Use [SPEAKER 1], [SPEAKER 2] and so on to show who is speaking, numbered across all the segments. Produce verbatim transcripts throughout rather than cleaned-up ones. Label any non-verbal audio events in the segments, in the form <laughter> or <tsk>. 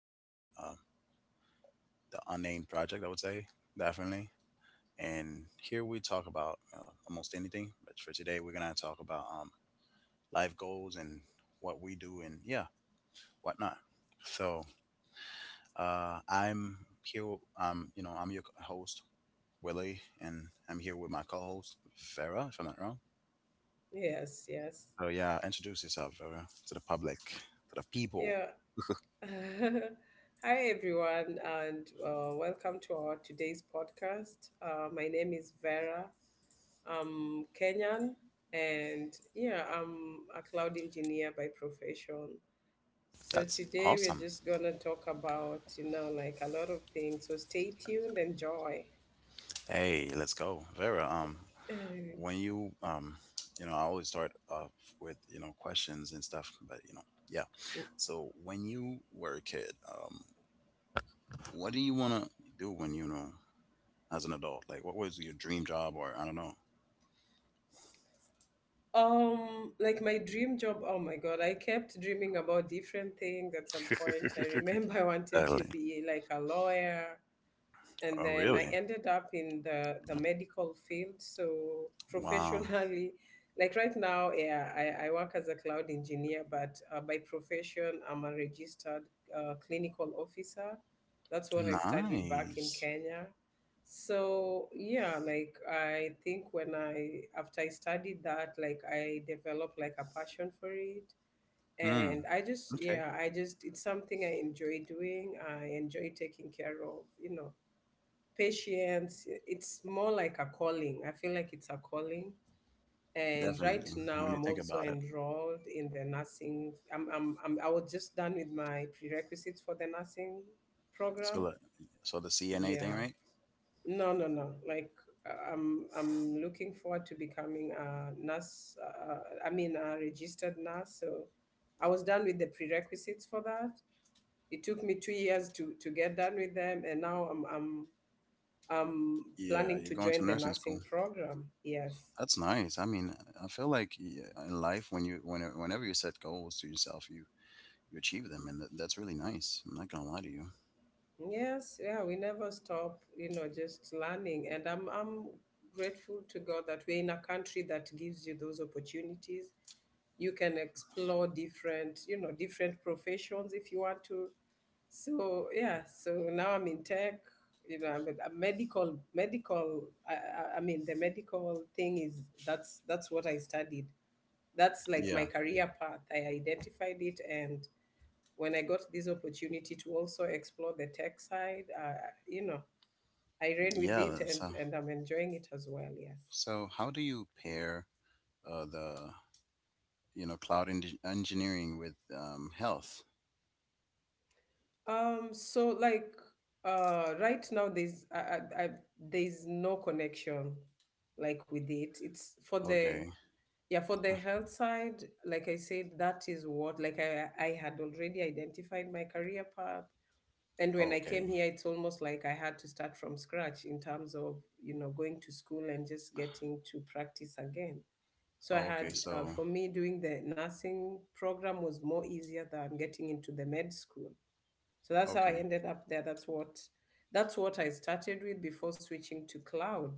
[SPEAKER 1] of um, the Unnamed Project, I would say, definitely. And here we talk about uh, almost anything, but for today we're going to talk about um, life goals and what we do and yeah, whatnot. So uh, I'm here, um, you know, I'm your host, Willie, and I'm here with my co-host, Vera, if I'm not wrong.
[SPEAKER 2] Yes, yes.
[SPEAKER 1] So yeah, introduce yourself, Vera, to the public, to the people.
[SPEAKER 2] Yeah. <laughs> Hi, everyone, and uh, welcome to our today's podcast. Uh, my name is Vera. I'm Kenyan, and yeah, I'm a cloud engineer by profession. So
[SPEAKER 1] That's
[SPEAKER 2] today we're
[SPEAKER 1] awesome.
[SPEAKER 2] just gonna talk about, you know, like a lot of things. So stay tuned, enjoy.
[SPEAKER 1] Hey, let's go, Vera. Um, when you um you know I always start off with you know questions and stuff, but you know yeah,
[SPEAKER 2] <laughs>
[SPEAKER 1] so when you were a kid, um what do you want to do when you know as an adult? Like, what was your dream job, or I don't know?
[SPEAKER 2] Um, like my dream job. Oh my God, I kept dreaming about different things. At some point,
[SPEAKER 1] <laughs>
[SPEAKER 2] I remember <laughs> I wanted to
[SPEAKER 1] Exactly.
[SPEAKER 2] be like a lawyer and
[SPEAKER 1] Oh
[SPEAKER 2] then I
[SPEAKER 1] really?
[SPEAKER 2] ended up in the the medical field. So
[SPEAKER 1] Wow.
[SPEAKER 2] professionally, <laughs> like right now, yeah, I, I work as a cloud engineer, but uh, by profession, I'm a registered uh, clinical officer. That's what I studied back in
[SPEAKER 1] Nice.
[SPEAKER 2] Kenya. So yeah, like I think when I after I studied that, like I developed like a passion for it.
[SPEAKER 1] Hmm.
[SPEAKER 2] And I just
[SPEAKER 1] Okay.
[SPEAKER 2] yeah, I just it's something I enjoy doing. I enjoy taking care of, you know, patience. It's more like a calling. I feel like it's a calling, and right
[SPEAKER 1] Definitely.
[SPEAKER 2] now
[SPEAKER 1] When you
[SPEAKER 2] I'm
[SPEAKER 1] think
[SPEAKER 2] also
[SPEAKER 1] about it,
[SPEAKER 2] enrolled in the nursing. I'm, I'm, I'm I was just done with my prerequisites for the nursing
[SPEAKER 1] so
[SPEAKER 2] program.
[SPEAKER 1] like, so the CNA thing,
[SPEAKER 2] Yeah,
[SPEAKER 1] right?
[SPEAKER 2] no no no like uh, I'm i'm looking forward to becoming a nurse, uh, i mean a registered nurse. So I was done with the prerequisites for that. It took me two years to to get done with them, and now i'm i'm I'm
[SPEAKER 1] Yeah,
[SPEAKER 2] planning
[SPEAKER 1] you're
[SPEAKER 2] to
[SPEAKER 1] going to
[SPEAKER 2] join the
[SPEAKER 1] nursing school.
[SPEAKER 2] nursing program. Yes.
[SPEAKER 1] That's nice. I mean, I feel like yeah, in life, when you when whenever you set goals to yourself, you you achieve them, and that, that's really nice. I'm not gonna lie to you.
[SPEAKER 2] Yes, yeah, we never stop, you know, just learning. And I'm I'm grateful to God that we're in a country that gives you those opportunities. You can explore different, you know, different professions if you want to. So yeah, so now I'm in tech. You know, I'm a medical, medical. I, I I mean, the medical thing is that's that's what I studied. That's like my
[SPEAKER 1] Yeah,
[SPEAKER 2] career path. I identified it, and when I got this opportunity to also explore the tech side, uh, you know, I ran with
[SPEAKER 1] yeah.
[SPEAKER 2] it, and
[SPEAKER 1] So
[SPEAKER 2] and I'm enjoying it as well. Yes.
[SPEAKER 1] so how do you pair uh, the you know cloud en- engineering with um, health?
[SPEAKER 2] Um. So like, uh, right now there's I, I, I there's no connection, like with it. It's for the
[SPEAKER 1] Okay,
[SPEAKER 2] yeah for the health side. Like I said, that is what like I I had already identified my career path, and when I
[SPEAKER 1] okay,
[SPEAKER 2] came here it's almost like I had to start from scratch in terms of, you know, going to school and just getting to practice again. So I
[SPEAKER 1] okay.
[SPEAKER 2] had, uh,
[SPEAKER 1] So
[SPEAKER 2] for me doing the nursing program was more easier than getting into the med school. So that's how I
[SPEAKER 1] okay,
[SPEAKER 2] ended up there. That's what that's what I started with before switching to cloud.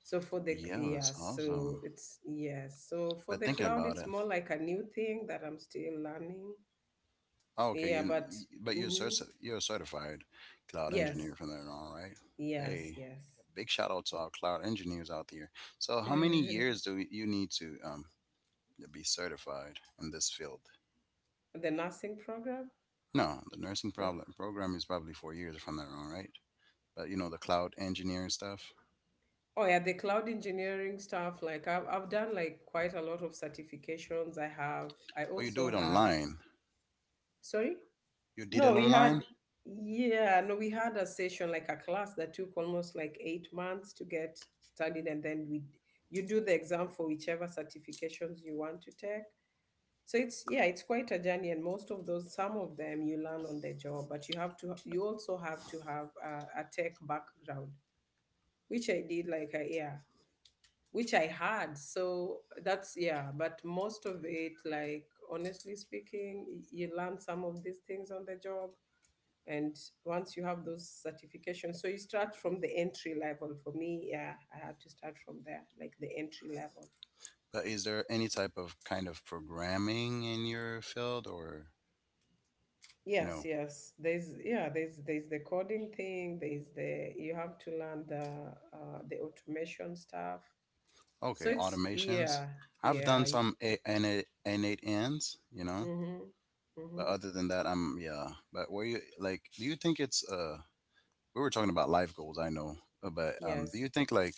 [SPEAKER 2] So for the
[SPEAKER 1] yeah,
[SPEAKER 2] yeah
[SPEAKER 1] that's
[SPEAKER 2] so
[SPEAKER 1] awesome.
[SPEAKER 2] it's yeah so for
[SPEAKER 1] But
[SPEAKER 2] the
[SPEAKER 1] thinking
[SPEAKER 2] cloud
[SPEAKER 1] about
[SPEAKER 2] it's
[SPEAKER 1] it,
[SPEAKER 2] more like a new thing that I'm still learning.
[SPEAKER 1] oh, okay,
[SPEAKER 2] Yeah
[SPEAKER 1] you,
[SPEAKER 2] but
[SPEAKER 1] but you're
[SPEAKER 2] mhm.
[SPEAKER 1] certi- you're a certified cloud
[SPEAKER 2] Yes,
[SPEAKER 1] engineer from there on, right?
[SPEAKER 2] yes,
[SPEAKER 1] Hey,
[SPEAKER 2] yes.
[SPEAKER 1] big shout out to our
[SPEAKER 2] <laughs>
[SPEAKER 1] cloud engineers out there. So, how many
[SPEAKER 2] Uh,
[SPEAKER 1] years do you need to um to be certified in this field?
[SPEAKER 2] the nursing program.
[SPEAKER 1] No, the nursing
[SPEAKER 2] Yeah.
[SPEAKER 1] problem program is probably four years from there on, right? But you know the cloud engineering stuff,
[SPEAKER 2] Oh yeah, the cloud engineering stuff, like I've, I've done like quite a lot of certifications. I have i
[SPEAKER 1] oh, you do it
[SPEAKER 2] also have
[SPEAKER 1] online.
[SPEAKER 2] Sorry.
[SPEAKER 1] You did it
[SPEAKER 2] no We had
[SPEAKER 1] online,
[SPEAKER 2] yeah no we had a session, like a class that took almost like eight months to get studied, and then we you do the exam for whichever certifications you want to take. So it's yeah it's quite a journey, and most of those some of them you learn on the job, but you have to you also have to have a, a tech background, which I did, like I, yeah, which I had. So that's yeah but most of it, like honestly speaking, y- you learn some of these things on the job. And once you have those certifications, so you start from the entry level. For me, yeah, I had to start from there, like the entry level.
[SPEAKER 1] but is there any type of kind of programming in your field or
[SPEAKER 2] Yes,
[SPEAKER 1] no?
[SPEAKER 2] yes, there's yeah there's there's the coding thing. There's the you have to learn the uh, the automation stuff. So
[SPEAKER 1] Okay,
[SPEAKER 2] it's
[SPEAKER 1] automations.
[SPEAKER 2] yeah
[SPEAKER 1] I've done
[SPEAKER 2] yeah.
[SPEAKER 1] some a- innate innate ends, you know,
[SPEAKER 2] Mm-hmm.
[SPEAKER 1] but
[SPEAKER 2] Mm-hmm.
[SPEAKER 1] other than that, I'm yeah. But were you like? Do you think it's uh? We were talking about life goals, I know, uh, but um, do
[SPEAKER 2] Yes.
[SPEAKER 1] you think like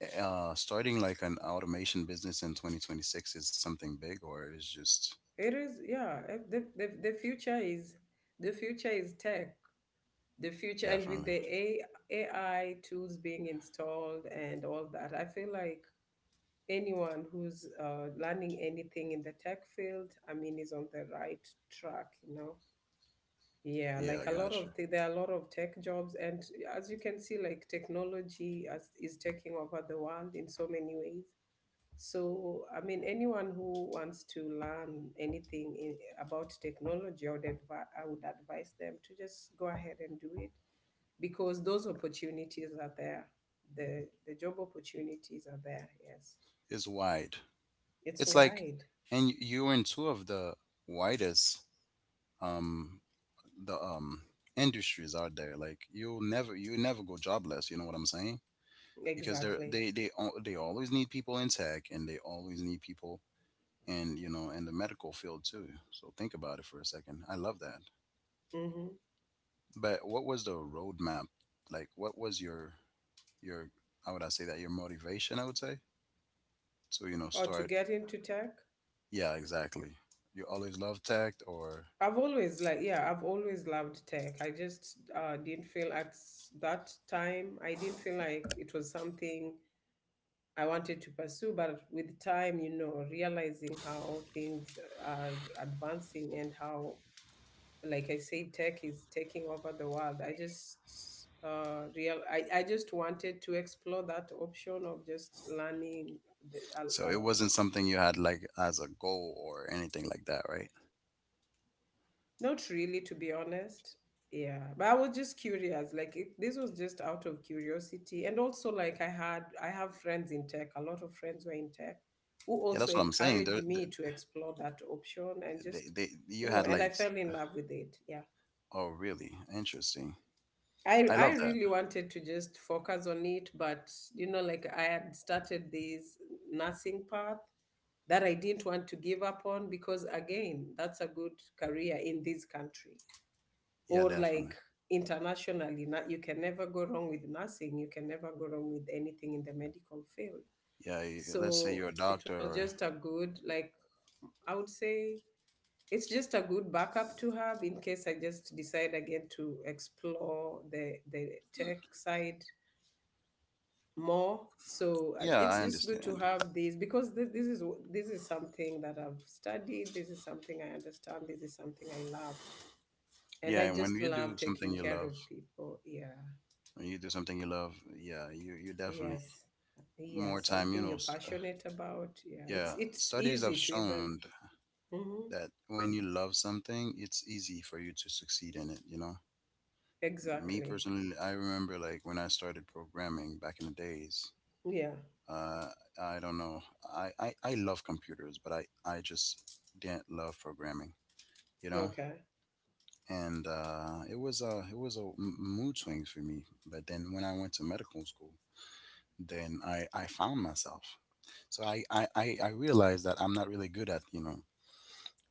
[SPEAKER 1] eh, uh starting like an automation business in twenty twenty-six is something big, or is just
[SPEAKER 2] It is, yeah. If the, the the future is the future is tech. The future and
[SPEAKER 1] definitely,
[SPEAKER 2] with the A, AI tools being installed and all that, I feel like anyone who's uh, learning anything in the tech field, I mean, is on the right track. You know, yeah.
[SPEAKER 1] yeah, I
[SPEAKER 2] Like a lot
[SPEAKER 1] got you.
[SPEAKER 2] of th- there are a lot of tech jobs, and as you can see, like technology as, is taking over the world in so many ways. So, I mean, anyone who wants to learn anything in, about technology, I would, advi- I would advise them to just go ahead and do it because those opportunities are there. The, the job opportunities are there, yes.
[SPEAKER 1] It's wide.
[SPEAKER 2] It's
[SPEAKER 1] It's like,
[SPEAKER 2] wide.
[SPEAKER 1] and you you were in two of the widest um the um industries out there. Like, you'll never you never go jobless, you know what I'm saying? Because they're
[SPEAKER 2] Exactly.
[SPEAKER 1] they they al- they always need people in tech, and they always need people in, you know, in the medical field too. So think about it for a second. I love that.
[SPEAKER 2] Mm-hmm.
[SPEAKER 1] But what was the roadmap? Like, what was your your how would I say that, your motivation, I would say, to you know
[SPEAKER 2] Or to
[SPEAKER 1] start.
[SPEAKER 2] get into tech.
[SPEAKER 1] Yeah, exactly. You always love tech, or
[SPEAKER 2] I've always like yeah, I've always loved tech. I just uh, didn't feel at s- that time. I didn't feel like it was something I wanted to pursue, but with time, you know, realizing how things are advancing, and how, like I say, tech is taking over the world. I just uh, real, I, I just wanted to explore that option of just learning the,
[SPEAKER 1] so it
[SPEAKER 2] uh,
[SPEAKER 1] wasn't something you had like as a goal or anything like that, right?
[SPEAKER 2] not really, to be honest. Yeah, but I was just curious. Like it, this was just out of curiosity, and also like I had I have friends in tech. A lot of friends were in tech, who
[SPEAKER 1] Yeah,
[SPEAKER 2] also
[SPEAKER 1] that's what I'm saying. There,
[SPEAKER 2] encouraged
[SPEAKER 1] there,
[SPEAKER 2] me to explore that option and
[SPEAKER 1] They,
[SPEAKER 2] just,
[SPEAKER 1] they, you
[SPEAKER 2] you know,
[SPEAKER 1] had
[SPEAKER 2] and
[SPEAKER 1] like,
[SPEAKER 2] I
[SPEAKER 1] s-,
[SPEAKER 2] fell in love with it. Yeah,
[SPEAKER 1] oh, really? Interesting.
[SPEAKER 2] I
[SPEAKER 1] I
[SPEAKER 2] I
[SPEAKER 1] love that.
[SPEAKER 2] really wanted to just focus on it, but you know, like I had started this nursing path that I didn't want to give up on, because again, that's a good career in this country
[SPEAKER 1] Yeah,
[SPEAKER 2] or
[SPEAKER 1] definitely.
[SPEAKER 2] like internationally. Not you can never go wrong with nursing. You can never go wrong with anything in the medical field.
[SPEAKER 1] Yeah, you-, let's say
[SPEAKER 2] So
[SPEAKER 1] you're a
[SPEAKER 2] it
[SPEAKER 1] doctor
[SPEAKER 2] was
[SPEAKER 1] or,
[SPEAKER 2] just a good like I would say it's just a good backup to have in case I just decide again to explore the the tech side more. So uh,
[SPEAKER 1] yeah,
[SPEAKER 2] it's
[SPEAKER 1] I
[SPEAKER 2] just good to
[SPEAKER 1] understand.
[SPEAKER 2] have these, because th- this is w- this is something that I've studied, this is something I understand, this is something I love, and
[SPEAKER 1] Yeah,
[SPEAKER 2] I
[SPEAKER 1] and when
[SPEAKER 2] just
[SPEAKER 1] you
[SPEAKER 2] love
[SPEAKER 1] do something
[SPEAKER 2] taking
[SPEAKER 1] you
[SPEAKER 2] care
[SPEAKER 1] love,
[SPEAKER 2] of people. Yeah.
[SPEAKER 1] when you do something you love, yeah, you, you definitely
[SPEAKER 2] Yes. Yeah,
[SPEAKER 1] more time, you
[SPEAKER 2] something you're
[SPEAKER 1] know, st-
[SPEAKER 2] passionate about. Yeah, it's
[SPEAKER 1] yeah,
[SPEAKER 2] it's
[SPEAKER 1] studies have
[SPEAKER 2] easy to
[SPEAKER 1] shown
[SPEAKER 2] even. Hmm.
[SPEAKER 1] that when you love something, it's easy for you to succeed in it, you know? Me
[SPEAKER 2] Exactly.
[SPEAKER 1] personally, I remember like when I started programming back in the days,
[SPEAKER 2] Yeah.
[SPEAKER 1] Uh, I don't know. I, I, I love computers, but I, I just didn't love programming, you know?
[SPEAKER 2] Okay.
[SPEAKER 1] And uh, it was a it was a m- mood swing for me. But then when I went to medical school, then I, I found myself. So I, I, I I realized that I'm not really good at, you know,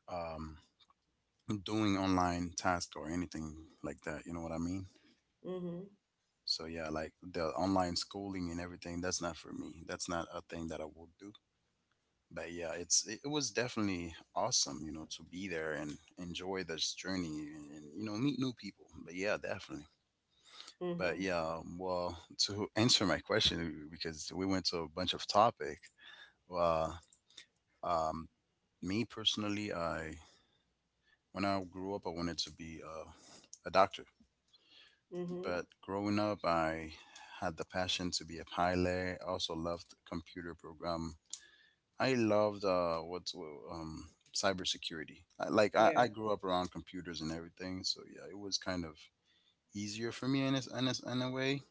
[SPEAKER 1] um, doing online tasks or anything like that. You know what I mean?
[SPEAKER 2] Mm-hmm.
[SPEAKER 1] So yeah, like the online schooling and everything, that's not for me. That's not a thing that I will do. But yeah, it's it was definitely awesome, you know, to be there and enjoy this journey, and, and you know meet new people. But yeah, definitely. But
[SPEAKER 2] Mm-hmm.
[SPEAKER 1] yeah, um, well <laughs> to answer my question, because we went to a bunch of topic. Well, um me personally, I, when I grew up, I wanted to be uh, a doctor.
[SPEAKER 2] Mm-hmm.
[SPEAKER 1] But growing up, I had the passion to be a pilot. I also loved computer program. I loved uh, what's um, cybersecurity. I, like I,
[SPEAKER 2] Yeah.
[SPEAKER 1] I grew up around computers and everything, so yeah, it was kind of easier for me in a, in a, in a way.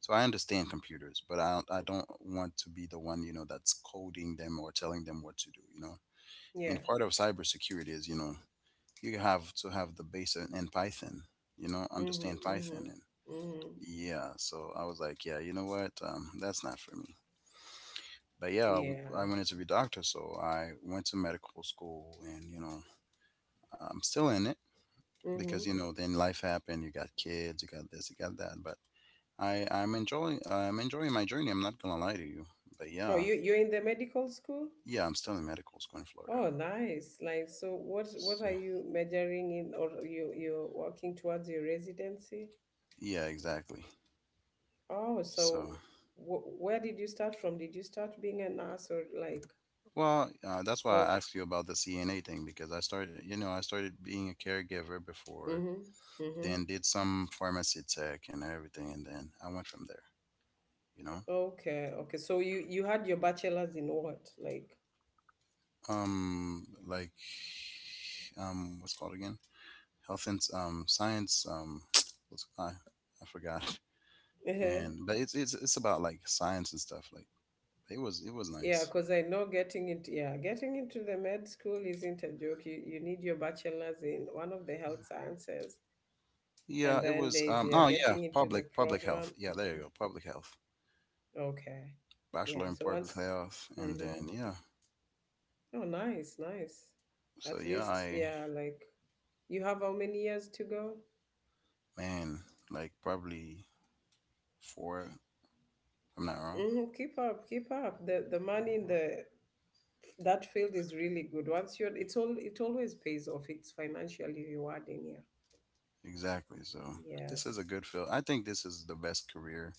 [SPEAKER 1] So I understand computers, but I don't, I don't want to be the one, you know, that's coding them or telling them what to do. You know,
[SPEAKER 2] Yeah.
[SPEAKER 1] and part of cybersecurity is, you know, you have to have the base in, in Python. You know,
[SPEAKER 2] Mm-hmm.
[SPEAKER 1] understand
[SPEAKER 2] Mm-hmm.
[SPEAKER 1] Python and
[SPEAKER 2] Mm-hmm.
[SPEAKER 1] yeah. So I was like, yeah, you know what? Um, that's not for me. But yeah, w-
[SPEAKER 2] Yeah.
[SPEAKER 1] I wanted to be doctor, so I went to medical school, and you know, I'm still in it because
[SPEAKER 2] Mm-hmm.
[SPEAKER 1] you know, then life happened. You got kids, you got this, you got that. But I, I'm enjoying, I'm enjoying my journey. I'm not gonna lie to you. But
[SPEAKER 2] Oh,
[SPEAKER 1] yeah,
[SPEAKER 2] you you're in the medical school?
[SPEAKER 1] yeah, I'm still in medical school in Florida.
[SPEAKER 2] Oh, nice. Like, so what what
[SPEAKER 1] So,
[SPEAKER 2] are you majoring in, or you you're working towards your residency?
[SPEAKER 1] yeah, exactly.
[SPEAKER 2] Oh,
[SPEAKER 1] So,
[SPEAKER 2] so wh where did you start from? Did you start being a nurse, or like,
[SPEAKER 1] well, uh, that's why
[SPEAKER 2] or
[SPEAKER 1] I asked you about the C N A thing, because I started, you know, I started being a caregiver before,
[SPEAKER 2] mhm.
[SPEAKER 1] then
[SPEAKER 2] Mhm.
[SPEAKER 1] did some pharmacy tech and everything, and then I went from there. You know.
[SPEAKER 2] Okay, okay. So you you had your bachelor's in what? Like,
[SPEAKER 1] um like um what's it called again? Health and um science um <tsk> what's I I forgot. <laughs>
[SPEAKER 2] uh,
[SPEAKER 1] And but it's it's it's about like science and stuff like it was it was
[SPEAKER 2] yeah,
[SPEAKER 1] nice.
[SPEAKER 2] because I know getting into yeah, getting into the med school isn't a joke. You you need your bachelor's in one of the health sciences,
[SPEAKER 1] Yeah,
[SPEAKER 2] and
[SPEAKER 1] it
[SPEAKER 2] then
[SPEAKER 1] was
[SPEAKER 2] there's
[SPEAKER 1] um
[SPEAKER 2] yeah,
[SPEAKER 1] oh yeah,
[SPEAKER 2] getting into the
[SPEAKER 1] public public health.
[SPEAKER 2] program.
[SPEAKER 1] Yeah, there
[SPEAKER 2] Hmm.
[SPEAKER 1] you go, public health.
[SPEAKER 2] Okay,
[SPEAKER 1] Bachelor
[SPEAKER 2] yeah.
[SPEAKER 1] in
[SPEAKER 2] So
[SPEAKER 1] public
[SPEAKER 2] once,
[SPEAKER 1] health and
[SPEAKER 2] mm-hmm.
[SPEAKER 1] then yeah,
[SPEAKER 2] Oh, nice, nice.
[SPEAKER 1] so
[SPEAKER 2] At
[SPEAKER 1] yeah,
[SPEAKER 2] least
[SPEAKER 1] I
[SPEAKER 2] yeah, like you have how many years to go?
[SPEAKER 1] man, like probably four if I'm not wrong.
[SPEAKER 2] Mm-hmm. Keep up, keep up. The the money in the that field is really good. Once you're, it's all, it always pays off. It's financially rewarding.
[SPEAKER 1] Exactly. So
[SPEAKER 2] Yeah.
[SPEAKER 1] this is a
[SPEAKER 2] Yes.
[SPEAKER 1] good field. I think this is the best career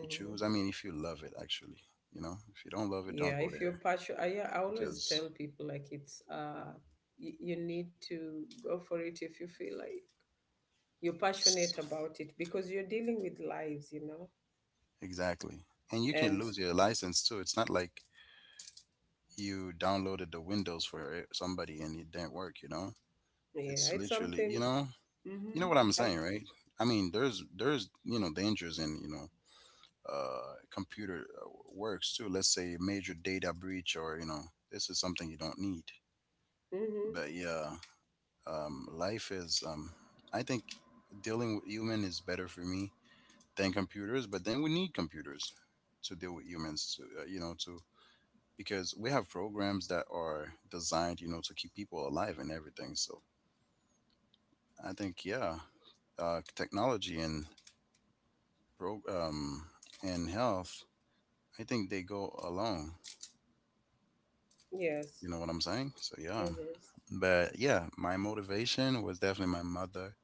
[SPEAKER 1] to choose. I mean, if you love it, actually, you know, if you don't love it, don't
[SPEAKER 2] Yeah.
[SPEAKER 1] go
[SPEAKER 2] If
[SPEAKER 1] there
[SPEAKER 2] you're passionate, I, I always
[SPEAKER 1] because
[SPEAKER 2] tell people like it's, uh, you, you need to go for it if you feel like you're passionate
[SPEAKER 1] s-
[SPEAKER 2] about it, because you're dealing with lives, you know?
[SPEAKER 1] exactly. And you can
[SPEAKER 2] And
[SPEAKER 1] lose your license too. It's not like you downloaded the Windows for it- somebody and it didn't work, you know?
[SPEAKER 2] yeah,
[SPEAKER 1] It's
[SPEAKER 2] it's
[SPEAKER 1] literally, you
[SPEAKER 2] something,
[SPEAKER 1] know, you
[SPEAKER 2] mm-hmm.
[SPEAKER 1] know what I'm
[SPEAKER 2] I've,
[SPEAKER 1] saying, right? I mean, there's there's, you know, dangers in, you know, uh computer uh, works too. Let's say a major data breach, or, you know, this is something you don't need.
[SPEAKER 2] mm-hmm.
[SPEAKER 1] But yeah, um, life is um, I think dealing with human is better for me than computers, but then we need computers to deal with humans to, uh, you know, to, because we have programs that are designed, you know, to keep people alive and everything, so I think yeah, uh, technology and pro um, and health, I think they go along,
[SPEAKER 2] Yes.
[SPEAKER 1] you know what I'm saying? So yeah,
[SPEAKER 2] Mm-hmm.
[SPEAKER 1] but yeah, my motivation was definitely my mother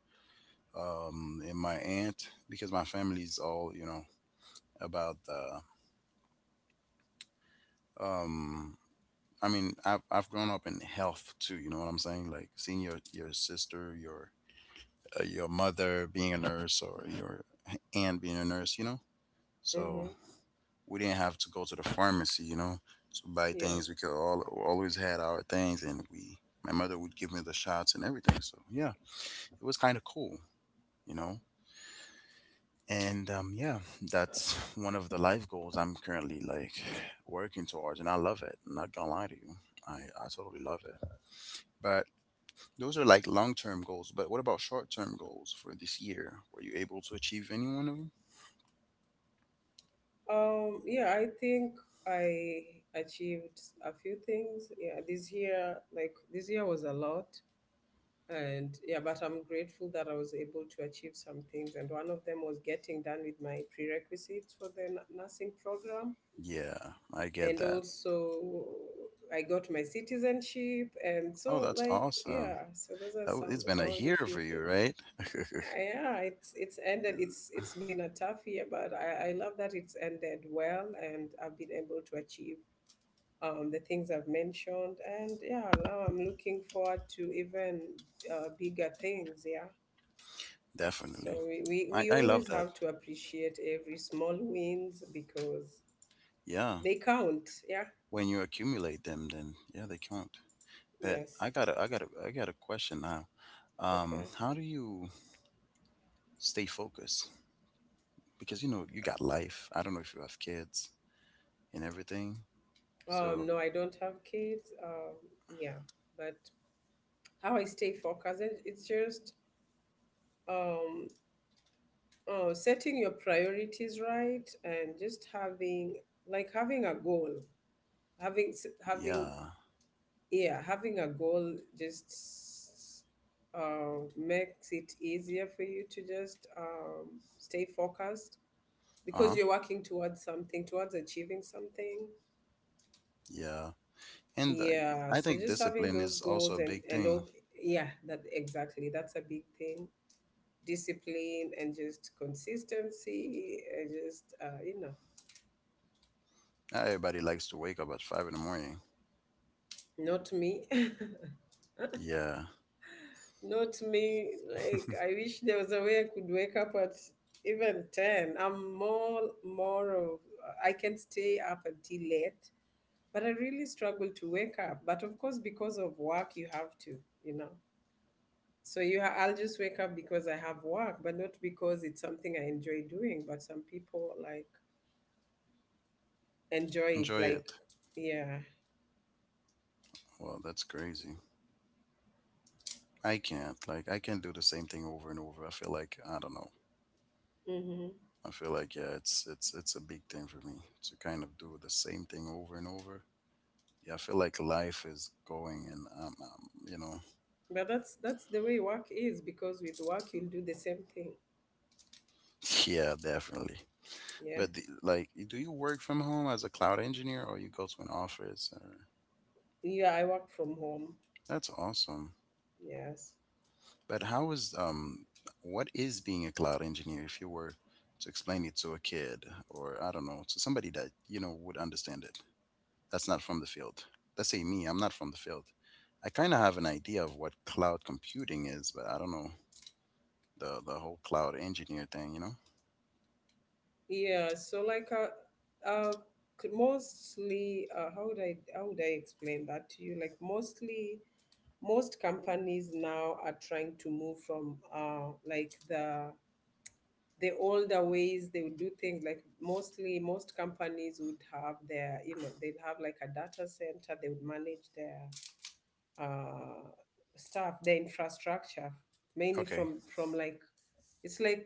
[SPEAKER 1] um and my aunt, because my family's all, you know, about the um I mean i've, I've grown up in health too, you know what I'm saying, like seeing your your sister, your uh, your mother being a nurse, or your aunt being a nurse, you know, so
[SPEAKER 2] Mm-hmm.
[SPEAKER 1] we didn't have to go to the pharmacy, you know, to buy
[SPEAKER 2] Yeah.
[SPEAKER 1] things. We could all, we always had our things, and we, my mother would give me the shots and everything, so yeah, it was kind of cool, you know. And um, yeah, that's one of the life goals I'm currently like working towards, and I love it. I'm not gonna lie to you. i, I totally love it. But those are like long-term goals, but what about short-term goals for this year? Were you able to achieve any one of them?
[SPEAKER 2] Um, yeah, I think I achieved a few things. Yeah, this year, like this year was a lot. And yeah, but I'm grateful that I was able to achieve some things. And one of them was getting done with my prerequisites for the n- nursing program.
[SPEAKER 1] Yeah, I
[SPEAKER 2] And
[SPEAKER 1] get that.
[SPEAKER 2] also, I got my citizenship. And
[SPEAKER 1] Oh,
[SPEAKER 2] so,
[SPEAKER 1] that's
[SPEAKER 2] like,
[SPEAKER 1] awesome.
[SPEAKER 2] yeah, so those are
[SPEAKER 1] That, w-
[SPEAKER 2] some,
[SPEAKER 1] it's been
[SPEAKER 2] some
[SPEAKER 1] a
[SPEAKER 2] of the
[SPEAKER 1] year
[SPEAKER 2] few
[SPEAKER 1] for you,
[SPEAKER 2] things.
[SPEAKER 1] right?
[SPEAKER 2] Yeah, it's it's ended.
[SPEAKER 1] <laughs>
[SPEAKER 2] It's it's been a tough year, but i i love that it's ended well, and I've been able to achieve um the things I've mentioned. And yeah, now I'm looking forward to even uh, bigger things. Yeah. So
[SPEAKER 1] Definitely.
[SPEAKER 2] we, we
[SPEAKER 1] I,
[SPEAKER 2] we
[SPEAKER 1] I love
[SPEAKER 2] always
[SPEAKER 1] that.
[SPEAKER 2] have to appreciate every small wins because
[SPEAKER 1] Yeah.
[SPEAKER 2] they count. Yeah.
[SPEAKER 1] When you accumulate them, then yeah, they count. But
[SPEAKER 2] Yes.
[SPEAKER 1] I got a I got a I got a question now. Um,
[SPEAKER 2] Okay.
[SPEAKER 1] how do you stay focused? Because you know, you got life. I don't know if you have kids and everything.
[SPEAKER 2] um
[SPEAKER 1] So,
[SPEAKER 2] no, I don't have kids. Um yeah, but how I stay focused, it- it's just um uh, setting your priorities right and just having like having a goal. Having s- having
[SPEAKER 1] yeah.
[SPEAKER 2] Yeah, having a goal just uh, makes it easier for you to just um, stay focused because
[SPEAKER 1] Uh-huh.
[SPEAKER 2] you're working towards something, towards achieving something.
[SPEAKER 1] Yeah. And uh,
[SPEAKER 2] Yeah.
[SPEAKER 1] I
[SPEAKER 2] So
[SPEAKER 1] think
[SPEAKER 2] just having
[SPEAKER 1] discipline
[SPEAKER 2] those
[SPEAKER 1] is also
[SPEAKER 2] goals
[SPEAKER 1] a
[SPEAKER 2] and
[SPEAKER 1] big
[SPEAKER 2] and
[SPEAKER 1] thing.
[SPEAKER 2] all. Yeah that exactly that's a big thing. Discipline, and just consistency, and just uh, you know.
[SPEAKER 1] Not everybody likes to wake up at five in the morning.
[SPEAKER 2] Not me. <laughs>
[SPEAKER 1] Yeah.
[SPEAKER 2] Not me. Like
[SPEAKER 1] <laughs>
[SPEAKER 2] I wish there was a way I could wake up at even ten. I'm more more of I can stay up until late, but I really struggle to wake up. But of course because of work you have to, you know. So you ha- I'll just wake up because I have work, but not because it's something I enjoy doing, but some people like enjoy it
[SPEAKER 1] Enjoy
[SPEAKER 2] like
[SPEAKER 1] it.
[SPEAKER 2] yeah.
[SPEAKER 1] Well, that's crazy. I can't. Like, I can't do the same thing over and over. I feel like I don't know.
[SPEAKER 2] Mhm.
[SPEAKER 1] I feel like yeah, it's it's it's a big thing for me to kind of do the same thing over and over. Yeah, I feel like life is going, and um, um you know,
[SPEAKER 2] But that's that's the way work is because with work you'll do the same thing.
[SPEAKER 1] <laughs> yeah, definitely.
[SPEAKER 2] Yeah.
[SPEAKER 1] But the, like, do you work from home as a cloud engineer, or you go to an office? Or
[SPEAKER 2] Yeah, I work from home.
[SPEAKER 1] that's awesome.
[SPEAKER 2] Yes.
[SPEAKER 1] But how is um, what is being a cloud engineer? If you were to explain it to a kid, or I don't know, to somebody that you know would understand it, that's not from the field. Let's say me, I'm not from the field. I kind of have an idea of what cloud computing is, but I don't know the the whole cloud engineer thing. You know?
[SPEAKER 2] Yeah. So like uh, uh c- mostly, uh, how would I how would I explain that to you? Like mostly most companies now are trying to move from uh like the the older ways they would do things, like mostly most companies would have their, you know, they'd have like a data center. They would manage their uh stuff, their infrastructure mainly
[SPEAKER 1] Okay.
[SPEAKER 2] from from like... It's like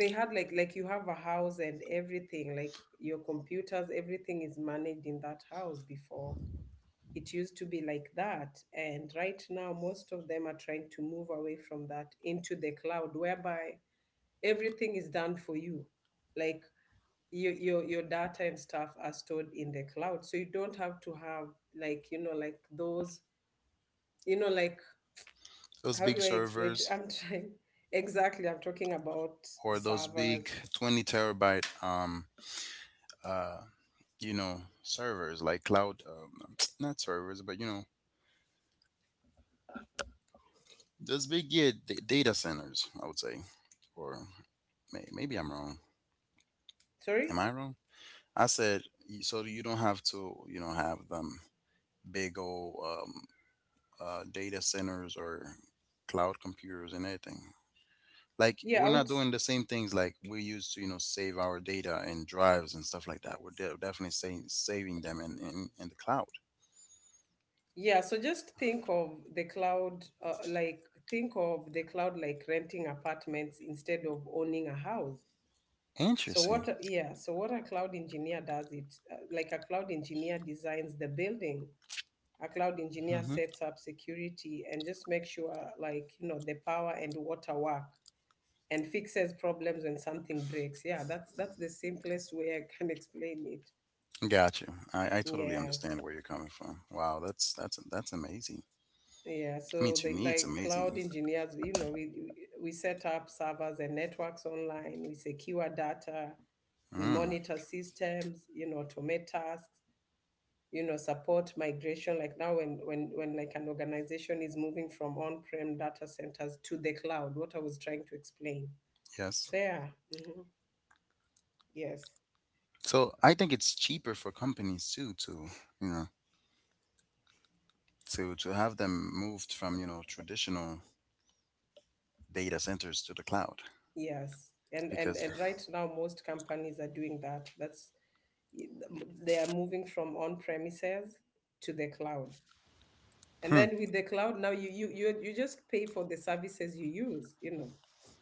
[SPEAKER 2] they had like like you have a house, and everything, like your computers, everything is managed in that house before. It used to be like that. And right now most of them are trying to move away from that into the cloud, whereby everything is done for you. Like your your your data and stuff are stored in the cloud. So you don't have to have like, you know, like those, you know, like...
[SPEAKER 1] Those
[SPEAKER 2] How
[SPEAKER 1] big
[SPEAKER 2] do I explain it?
[SPEAKER 1] servers
[SPEAKER 2] I'm trying, <laughs> exactly, I'm talking about
[SPEAKER 1] or those big
[SPEAKER 2] servers.
[SPEAKER 1] twenty terabyte um uh you know servers like cloud, um, <tsk> not servers, but you know those big, yeah, d- data centers, I would say. Or may- maybe I'm wrong.
[SPEAKER 2] Sorry?
[SPEAKER 1] Am I wrong? I said y- so you don't have to, you know, have them big old um, uh, data centers or cloud computers and anything. Like,
[SPEAKER 2] Yeah,
[SPEAKER 1] we're
[SPEAKER 2] I would.
[SPEAKER 1] not
[SPEAKER 2] s-
[SPEAKER 1] doing the same things like we used to, you know, save our data and drives and stuff like that. We're de- definitely saying saving them in, in in the cloud.
[SPEAKER 2] Yeah, so just think of the cloud, uh, like think of the cloud like renting apartments instead of owning a house. So
[SPEAKER 1] Interesting.
[SPEAKER 2] what? a- Yeah, so what a cloud engineer does it, uh, like a cloud engineer designs the building. A cloud engineer
[SPEAKER 1] Hmm.
[SPEAKER 2] sets up security and just make sure, like, you know, the power and water work, and fixes problems when something breaks. Yeah, that's that's the simplest way I can <laughs> explain it.
[SPEAKER 1] Got you. I, I totally understand
[SPEAKER 2] Yes.
[SPEAKER 1] where you're coming from. Wow, that's that's that's amazing.
[SPEAKER 2] Yeah,
[SPEAKER 1] I mean,
[SPEAKER 2] so
[SPEAKER 1] to
[SPEAKER 2] they
[SPEAKER 1] me it's
[SPEAKER 2] like
[SPEAKER 1] amazing.
[SPEAKER 2] cloud engineers, you know, we we set up servers and networks online, we secure data, we
[SPEAKER 1] Mm.
[SPEAKER 2] monitor systems, you know, automate tasks, you know, support migration. Like now, when when when like an organization is moving from on-prem data centers to the cloud, what I was trying to explain.
[SPEAKER 1] Yes.
[SPEAKER 2] So yeah, hmm yes,
[SPEAKER 1] So I think it's cheaper for companies too to, you know, to to have them moved from, you know, traditional data centers to the cloud
[SPEAKER 2] yes, and and
[SPEAKER 1] because,
[SPEAKER 2] and right now most companies are doing that. That's, they are moving from on-premises to the cloud. And
[SPEAKER 1] hmm,
[SPEAKER 2] then with the cloud now you you you, you just pay for the services you use, you know.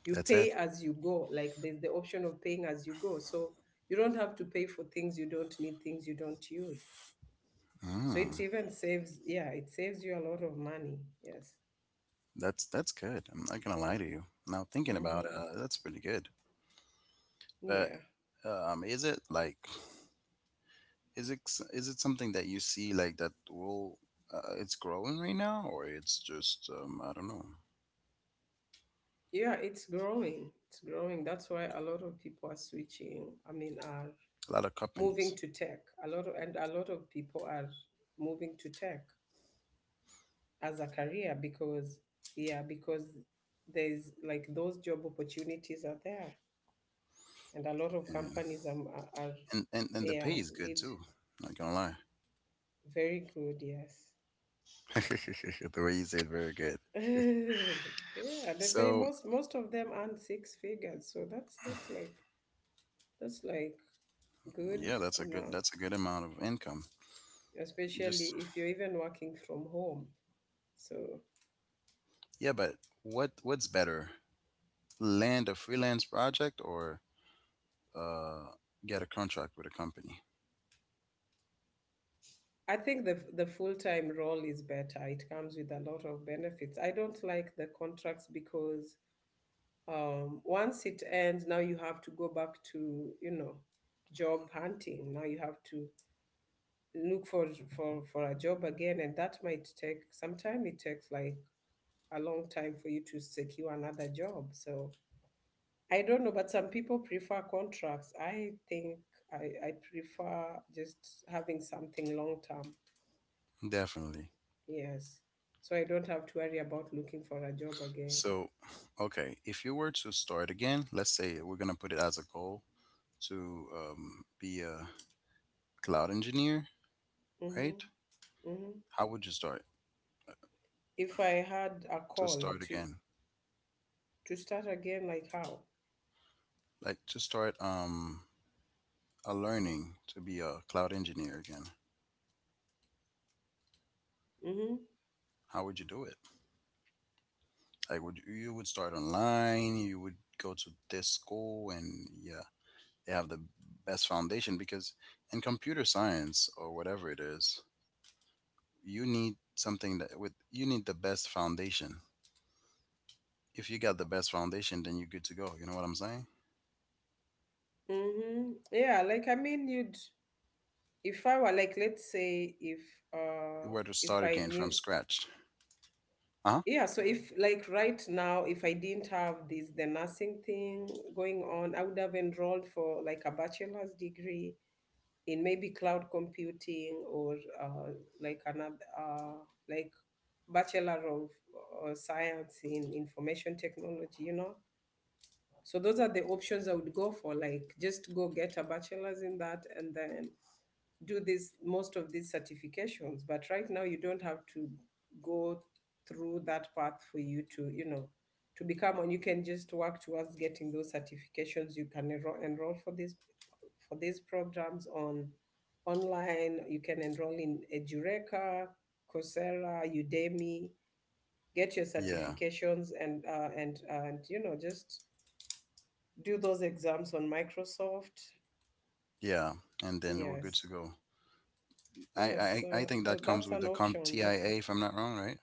[SPEAKER 2] You
[SPEAKER 1] that's it.
[SPEAKER 2] pay as you go. Like there's the option of paying as you go. So you don't have to pay for things you don't need, things you don't use. So it
[SPEAKER 1] Mm.
[SPEAKER 2] even saves, yeah, it saves you a lot of money. Yes.
[SPEAKER 1] That's that's good. I'm not gonna lie to you. Now thinking about it,
[SPEAKER 2] Hmm.
[SPEAKER 1] uh, that's pretty good. But
[SPEAKER 2] Yeah.
[SPEAKER 1] um, is it like, is it s- is it something that you see like that will, uh, it's growing right now, or it's just, um, I don't know.
[SPEAKER 2] Yeah, it's growing. It's growing. That's why a lot of people are switching. I mean, are
[SPEAKER 1] A lot of companies.
[SPEAKER 2] moving to tech. A lot of, and a lot of people are moving to tech as a career because, yeah because there's, like, those job opportunities are there, and a lot of
[SPEAKER 1] Yeah,
[SPEAKER 2] companies are, are are-
[SPEAKER 1] and and and the pay
[SPEAKER 2] Yeah,
[SPEAKER 1] is good
[SPEAKER 2] need
[SPEAKER 1] too. Not gonna lie.
[SPEAKER 2] very good, yes.
[SPEAKER 1] <laughs> The way you say it, very good.
[SPEAKER 2] <laughs> Yeah, they pay.
[SPEAKER 1] So
[SPEAKER 2] Most most of them earn six figures, so that's that's like, that's like good,
[SPEAKER 1] yeah, that's
[SPEAKER 2] you
[SPEAKER 1] a good
[SPEAKER 2] know,
[SPEAKER 1] that's a good amount of income. Just,
[SPEAKER 2] especially if you're even working from home, so...
[SPEAKER 1] yeah, but what what's better, land a freelance project or, uh, get a contract with a company.
[SPEAKER 2] I think the the full time role is better. It comes with a lot of benefits. I don't like the contracts because, um once it ends now you have to go back to, you know, job hunting. Now you have to look for for for a job again, and that might take some time. It takes like a long time for you to secure another job, so I don't know. But some people prefer contracts. I think i i prefer just having something long term.
[SPEAKER 1] Definitely.
[SPEAKER 2] Yes, so I don't have to worry about looking for a job again.
[SPEAKER 1] So, okay, if you were to start again, let's say we're gonna put it as a goal to, um, be a cloud engineer,
[SPEAKER 2] Mm-hmm.
[SPEAKER 1] right?
[SPEAKER 2] Mm-hmm.
[SPEAKER 1] How would you start
[SPEAKER 2] If I had a
[SPEAKER 1] to
[SPEAKER 2] call
[SPEAKER 1] start
[SPEAKER 2] to...
[SPEAKER 1] again?
[SPEAKER 2] To start again, like how?
[SPEAKER 1] Like, to start, um, a learning to be a cloud engineer again.
[SPEAKER 2] Mm-hmm.
[SPEAKER 1] How would you do it? Like, would you, you would start online? You would go to this school, and yeah, they have the best foundation because in computer science or whatever it is, you need something that with you need the best foundation. If you got the best foundation, then you're good to go. You know what I'm saying?
[SPEAKER 2] Mm-hmm. Yeah, like I mean you'd, if I were, like let's say if
[SPEAKER 1] You
[SPEAKER 2] uh
[SPEAKER 1] were to
[SPEAKER 2] if
[SPEAKER 1] start
[SPEAKER 2] I
[SPEAKER 1] again from
[SPEAKER 2] knew
[SPEAKER 1] scratch. Uh huh?
[SPEAKER 2] yeah, so if like right now, if I didn't have this, the nursing thing going on, I would have enrolled for like a bachelor's degree in maybe cloud computing, or uh, like another, uh, like, bachelor of uh, science in information technology. You know, so those are the options I would go for, like just go get a bachelor's in that and then do this, most of these certifications. But right now you don't have to go through that path for you to, you know, to become one. You can just work towards getting those certifications. You can enroll, enroll for this for these programs on... online. You can enroll in Edureka, Coursera, Udemy, get your
[SPEAKER 1] Yeah,
[SPEAKER 2] certifications, and uh, and and you know, just do those exams on Microsoft.
[SPEAKER 1] yeah, and then we're good to
[SPEAKER 2] Yes,
[SPEAKER 1] go. I
[SPEAKER 2] yes,
[SPEAKER 1] I, I
[SPEAKER 2] uh,
[SPEAKER 1] think
[SPEAKER 2] th-
[SPEAKER 1] that comes
[SPEAKER 2] that's
[SPEAKER 1] with
[SPEAKER 2] an
[SPEAKER 1] the
[SPEAKER 2] option. That
[SPEAKER 1] CompTIA, if I'm not wrong, right?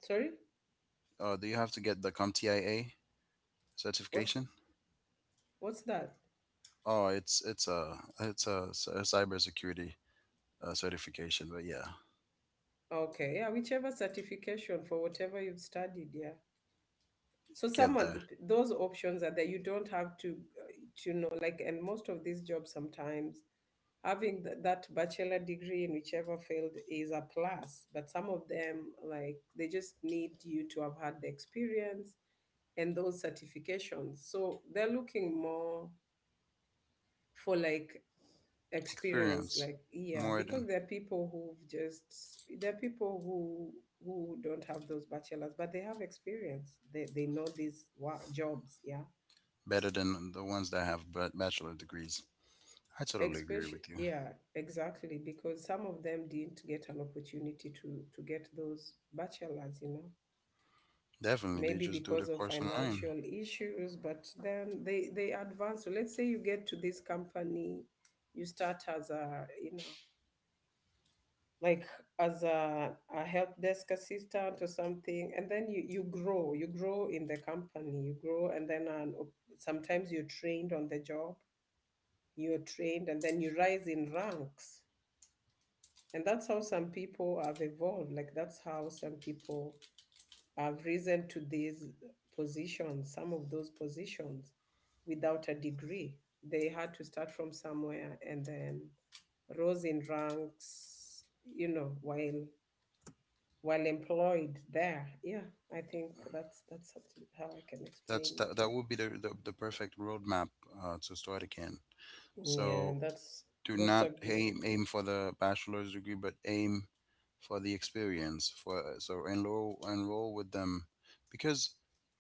[SPEAKER 2] sorry,
[SPEAKER 1] Uh, do you have to get the CompTIA
[SPEAKER 2] what's
[SPEAKER 1] certification?
[SPEAKER 2] what's that?
[SPEAKER 1] Oh, it's it's a it's a, s- a cybersecurity, uh, certification, but yeah,
[SPEAKER 2] Okay, yeah, whichever certification for whatever you've studied, yeah. So some
[SPEAKER 1] get
[SPEAKER 2] of
[SPEAKER 1] the
[SPEAKER 2] th- those options are that you don't have to, uh, to know, like, and most of these jobs sometimes having th- that bachelor degree in whichever field is a plus, but some of them, like, they just need you to have had the experience and those certifications, so they're looking more for like experience,
[SPEAKER 1] experience
[SPEAKER 2] like, yeah,
[SPEAKER 1] more
[SPEAKER 2] because
[SPEAKER 1] than
[SPEAKER 2] there are people who've just there are people who who don't have those bachelors, but they have experience. they they know these wa- jobs, yeah.
[SPEAKER 1] better than the ones that have ba- bachelor degrees. I totally agree
[SPEAKER 2] Especially,
[SPEAKER 1] with you.
[SPEAKER 2] yeah, exactly, because some of them didn't get an opportunity to to get those bachelors, you know,
[SPEAKER 1] Definitely, they
[SPEAKER 2] maybe
[SPEAKER 1] just do the
[SPEAKER 2] because of
[SPEAKER 1] course online.
[SPEAKER 2] financial issues. But then they they advance. So let's say you get to this company, you start as a, you know, like as a, a help desk assistant or something, and then you, you grow you grow in the company, you grow, and then an, op- sometimes you're trained on the job, you're trained, and then you rise in ranks. And that's how some people have evolved. Like that's how some people have risen to these positions, some of those positions without a degree. They had to start from somewhere and then rose in ranks, you know, while while employed there. Yeah, I think that's that's how I can
[SPEAKER 1] That's
[SPEAKER 2] explain it.
[SPEAKER 1] that, that
[SPEAKER 2] Yeah.
[SPEAKER 1] would be the, the, the perfect roadmap, uh, to start again.
[SPEAKER 2] Yeah,
[SPEAKER 1] So,
[SPEAKER 2] that's
[SPEAKER 1] do
[SPEAKER 2] that's
[SPEAKER 1] not
[SPEAKER 2] a good.
[SPEAKER 1] aim aim for the bachelor's degree, but aim for the experience. For so enroll enroll with them, because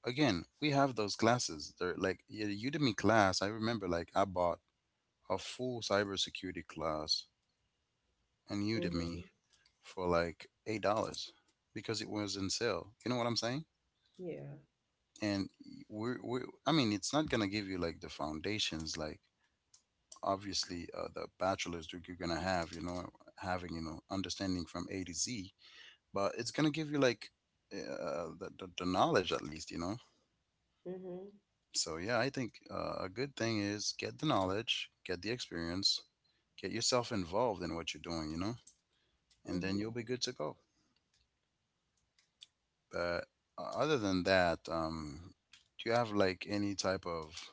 [SPEAKER 1] again we have those classes. They're like, yeah, the Udemy class. I remember like I bought a full cybersecurity class on
[SPEAKER 2] Mm-hmm.
[SPEAKER 1] Udemy for like eight dollars because it was in sale. You know what I'm saying?
[SPEAKER 2] Yeah.
[SPEAKER 1] And we're, we're I mean, it's not gonna give you like the foundations like obviously, uh, the bachelor's degree you're gonna have, you know, having, you know, understanding from A to Z, but it's gonna give you like, eh, uh, the, the, the knowledge at least, you know.
[SPEAKER 2] Mm-hmm.
[SPEAKER 1] So yeah, I think, uh, a good thing is get the knowledge, get the experience, get yourself involved in what you're doing, you know, and then
[SPEAKER 2] Mm-hmm.
[SPEAKER 1] you'll be good to go. But, uh, other than that, um do you have like any type of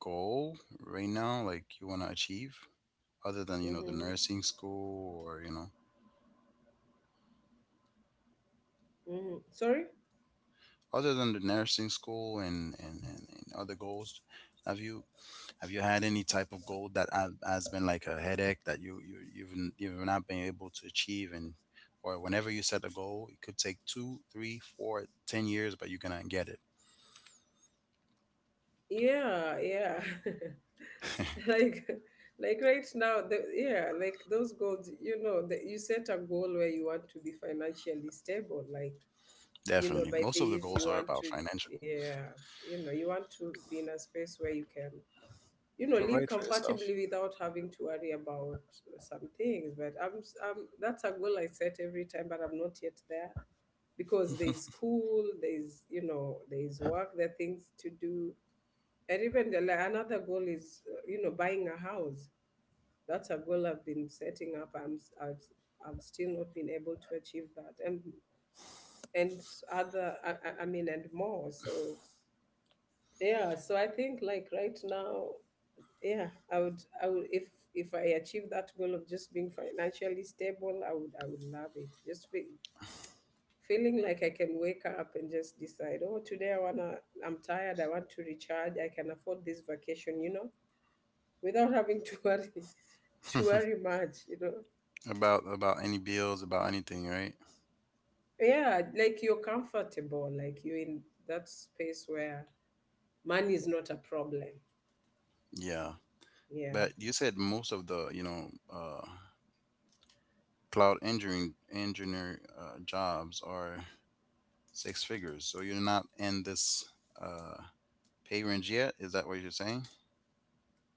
[SPEAKER 1] goal right now like you want to achieve other than, you know, the
[SPEAKER 2] Mm-hmm.
[SPEAKER 1] nursing school or you know,
[SPEAKER 2] Mm-hmm. Sorry?
[SPEAKER 1] other than the nursing school and and, and, and other goals. Have you, have you had any type of goal that ha- has been like a headache that you, you you've n- you've not been able to achieve? And or whenever you set a goal, it could take two three four ten years, but you're gonna get it.
[SPEAKER 2] Yeah, yeah, <laughs> like, like right now, the, yeah, like those goals, you know, that you set. A goal where you want to be financially stable, like, you know,
[SPEAKER 1] Definitely,
[SPEAKER 2] by
[SPEAKER 1] most of the
[SPEAKER 2] this
[SPEAKER 1] goals
[SPEAKER 2] you
[SPEAKER 1] are
[SPEAKER 2] want
[SPEAKER 1] about
[SPEAKER 2] to...
[SPEAKER 1] financial.
[SPEAKER 2] yeah, you know, you want to be in a space where you can, you know, live
[SPEAKER 1] Provide for yourself.
[SPEAKER 2] comfortably without having to worry about some things. But i'm, s- I'm that's a goal I set every time, but I'm not yet there, because there's school, there's, you know, there's work, there are things to do. And even the, like, another goal is, uh, you know, buying a house. That's a goal I've been setting up. I'm, s- I've, I've still not been able to achieve that, and and other, I, I I mean, and more. So yeah, so I think like right now, yeah, I would, I would, if if I achieve that goal of just being financially stable, I would, I would love it. Just feel, feeling like I can wake up and just decide, oh, today I wanna, I'm tired, I want to recharge, I can afford this vacation, you know, without having to <laughs> worry, to worry much, you know.
[SPEAKER 1] <laughs> About, about any bills, about anything, right?
[SPEAKER 2] Yeah, like you're comfortable, like you're in that space where money is not a problem.
[SPEAKER 1] Yeah.
[SPEAKER 2] Yeah.
[SPEAKER 1] But you said most of the, you know, uh, cloud engineering engineer, uh, jobs are six figures. So you're not in this, uh, pay range yet. Is that what you're saying?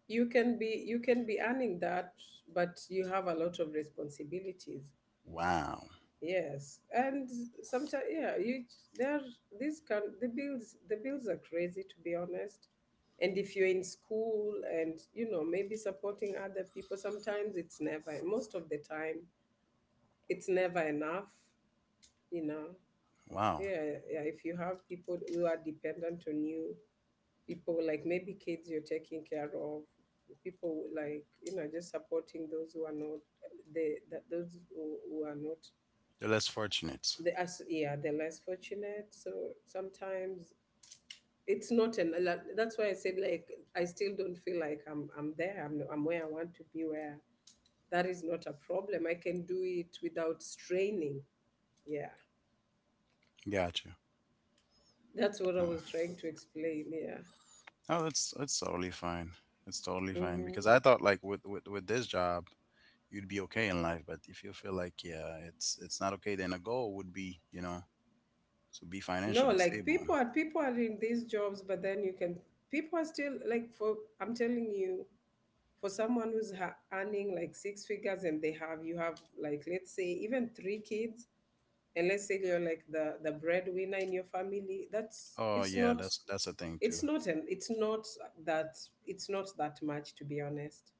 [SPEAKER 2] You can be, you can be earning that, but you have a lot of responsibilities.
[SPEAKER 1] Wow,
[SPEAKER 2] Yes, and sometimes, yeah, you there... These can, the bills the bills are crazy, to be honest. And if you're in school and, you know, maybe supporting other people, sometimes it's never, most of the time it's never enough, you know.
[SPEAKER 1] wow.
[SPEAKER 2] Yeah. Yeah, if you have people who are dependent on you, people like maybe kids you're taking care of, people, like, you know, just supporting those who are not, the that those who, who are not
[SPEAKER 1] You're less fortunate.
[SPEAKER 2] the, as, yeah, the less fortunate. So sometimes it's not an... like, that's why I said, like, I still don't feel like i'm I'm there. i'm, I'm where I want to be, where that is not a problem, I can do it without straining. Yeah,
[SPEAKER 1] Gotcha.
[SPEAKER 2] that's what I
[SPEAKER 1] Uh,
[SPEAKER 2] was trying to explain.
[SPEAKER 1] Oh, that's that's totally fine. That's totally fine
[SPEAKER 2] Yeah.
[SPEAKER 1] because I thought like with with with this job you'd be okay in life, but if you feel like, yeah, it's it's not okay, then a goal would be, you know, to be
[SPEAKER 2] No,
[SPEAKER 1] financially
[SPEAKER 2] like
[SPEAKER 1] stable.
[SPEAKER 2] people are people are in these jobs, but then you can, people are still like, for, I'm telling you, for someone who's ha- earning like six figures, and they have you have, like let's say, even three kids, and let's say you're like the the breadwinner in your family, that's,
[SPEAKER 1] Oh
[SPEAKER 2] it's
[SPEAKER 1] yeah,
[SPEAKER 2] not
[SPEAKER 1] that's that's a thing
[SPEAKER 2] it's not an it's not that, it's not that much, to be honest.